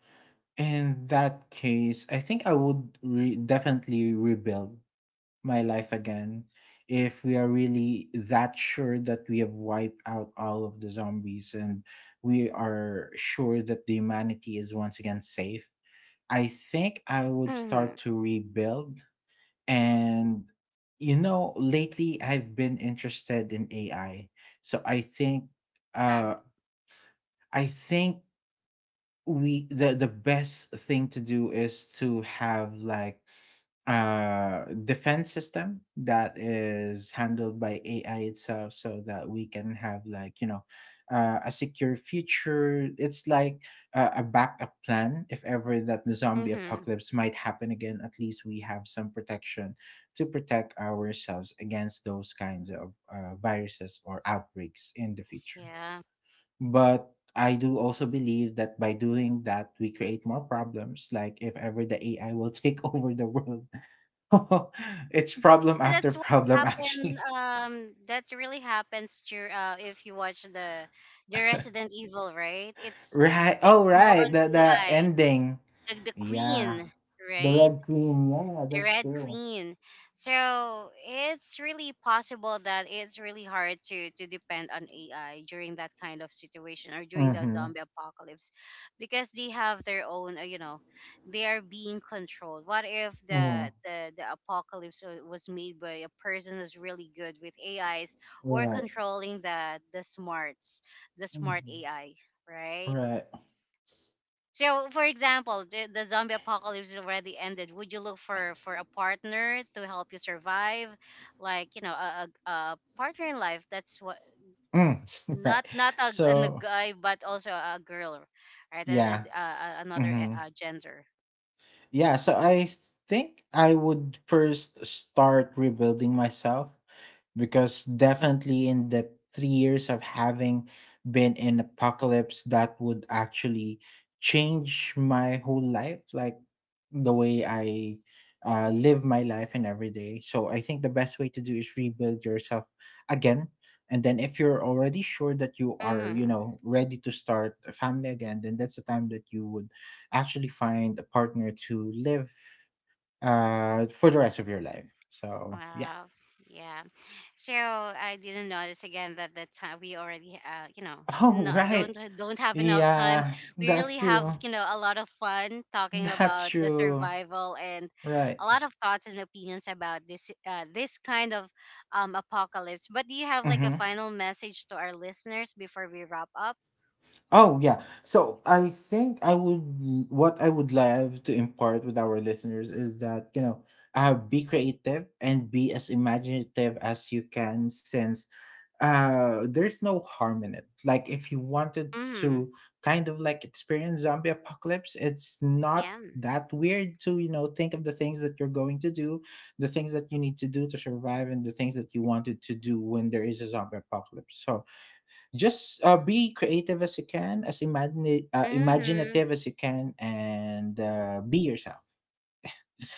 Speaker 2: in that case, I think I would definitely rebuild my life again if we are really that sure that we have wiped out all of the zombies and we are sure that the humanity is once again safe. I think I would
Speaker 1: Mm-hmm.
Speaker 2: start to rebuild. And you know, lately I've been interested in AI. So I think
Speaker 1: Yeah.
Speaker 2: uh I think we the best thing to do is to have like defense system that is handled by AI itself, so that we can have like, you know, a secure future. It's like, a backup plan if ever that the zombie
Speaker 1: Mm-hmm.
Speaker 2: apocalypse might happen again. At least we have some protection to protect ourselves against those kinds of, viruses or outbreaks in the future.
Speaker 1: Yeah.
Speaker 2: But I do also believe that by doing that, we create more problems. Like if ever the AI will take over the world, it's problem after
Speaker 1: That's what
Speaker 2: problem,
Speaker 1: happened.
Speaker 2: actually.
Speaker 1: That really happens to, if you watch the Resident Evil, right?
Speaker 2: Right.
Speaker 1: It's
Speaker 2: Oh,
Speaker 1: more
Speaker 2: right.
Speaker 1: on
Speaker 2: The
Speaker 1: AI,
Speaker 2: ending.
Speaker 1: like the
Speaker 2: Yeah.
Speaker 1: Queen,
Speaker 2: The
Speaker 1: right?
Speaker 2: Red Queen. Yeah,
Speaker 1: The
Speaker 2: that's
Speaker 1: red
Speaker 2: true.
Speaker 1: clean. So it's really possible that it's really hard to depend on AI during that kind of situation, or during the
Speaker 2: Mm-hmm.
Speaker 1: zombie apocalypse, because they have their own, you know, they are being controlled. What if
Speaker 2: Hmm.
Speaker 1: the the apocalypse was made by a person who's really good with AIs, or
Speaker 2: Right.
Speaker 1: controlling the smarts, the smart
Speaker 2: Hmm.
Speaker 1: AI, right?
Speaker 2: Right.
Speaker 1: So, for example, the zombie apocalypse is already ended. Would you look for a partner to help you survive, like you know, a partner in life? That's what,
Speaker 2: Mm. Right.
Speaker 1: not not a
Speaker 2: So
Speaker 1: guy, but also a girl, right?
Speaker 2: yeah.
Speaker 1: Another
Speaker 2: Hmm.
Speaker 1: gender.
Speaker 2: Yeah. So I think I would first start rebuilding myself, because definitely in the 3 years of having been in apocalypse, that would actually change my whole life, like the way I, live my life and every day. So I think the best way to do is rebuild yourself again, and then if you're already sure that you are, you
Speaker 1: Mm-hmm.
Speaker 2: know, ready to start a family again, then that's the time that you would actually find a partner to live, for the rest of your life. So yeah.
Speaker 1: Wow. Yeah. So I didn't notice again that that time we already, you know,
Speaker 2: Oh,
Speaker 1: no,
Speaker 2: right.
Speaker 1: don't have enough time.
Speaker 2: Yeah,
Speaker 1: We really
Speaker 2: that's
Speaker 1: have,
Speaker 2: true.
Speaker 1: you know, a lot of fun talking
Speaker 2: That's
Speaker 1: about the
Speaker 2: true.
Speaker 1: survival, and
Speaker 2: Right.
Speaker 1: a lot of thoughts and opinions about this this kind of apocalypse. But do you have like a
Speaker 2: Mhm.
Speaker 1: final message to our listeners before we wrap up?
Speaker 2: Oh yeah. So I think I would, what I would love to impart with our listeners is that, you know, uh, be creative and be as imaginative as you can, since, uh, there's no harm in it. Like if you wanted
Speaker 1: Mm-hmm.
Speaker 2: to kind of like experience zombie apocalypse, it's not
Speaker 1: Yeah.
Speaker 2: that weird to, you know, think of the things that you're going to do, the things that you need to do to survive, and the things that you wanted to do when there is a zombie apocalypse. So just, be creative as you can, as imagine
Speaker 1: Mm-hmm.
Speaker 2: imaginative as you can, and, be yourself.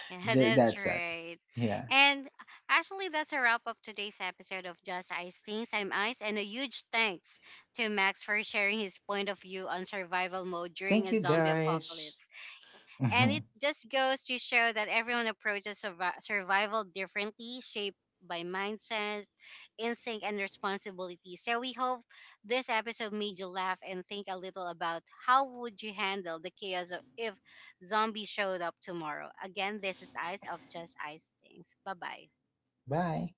Speaker 1: Yeah, that's
Speaker 2: That's that.
Speaker 1: right.
Speaker 2: Yeah.
Speaker 1: And actually, that's a wrap up today's episode of Just Ice Things. I'm Ice, and a huge thanks to Max for sharing his point of view on survival mode during
Speaker 2: Thank
Speaker 1: a
Speaker 2: you,
Speaker 1: zombie
Speaker 2: guys.
Speaker 1: apocalypse. And it just goes to show that everyone approaches survival differently, shaped by mindset, instinct, and responsibility. So we hope this episode made you laugh and think a little about how would you handle the chaos if zombies showed up tomorrow. Again, this is Ice of Just Ice Things. Bye bye.
Speaker 2: Bye.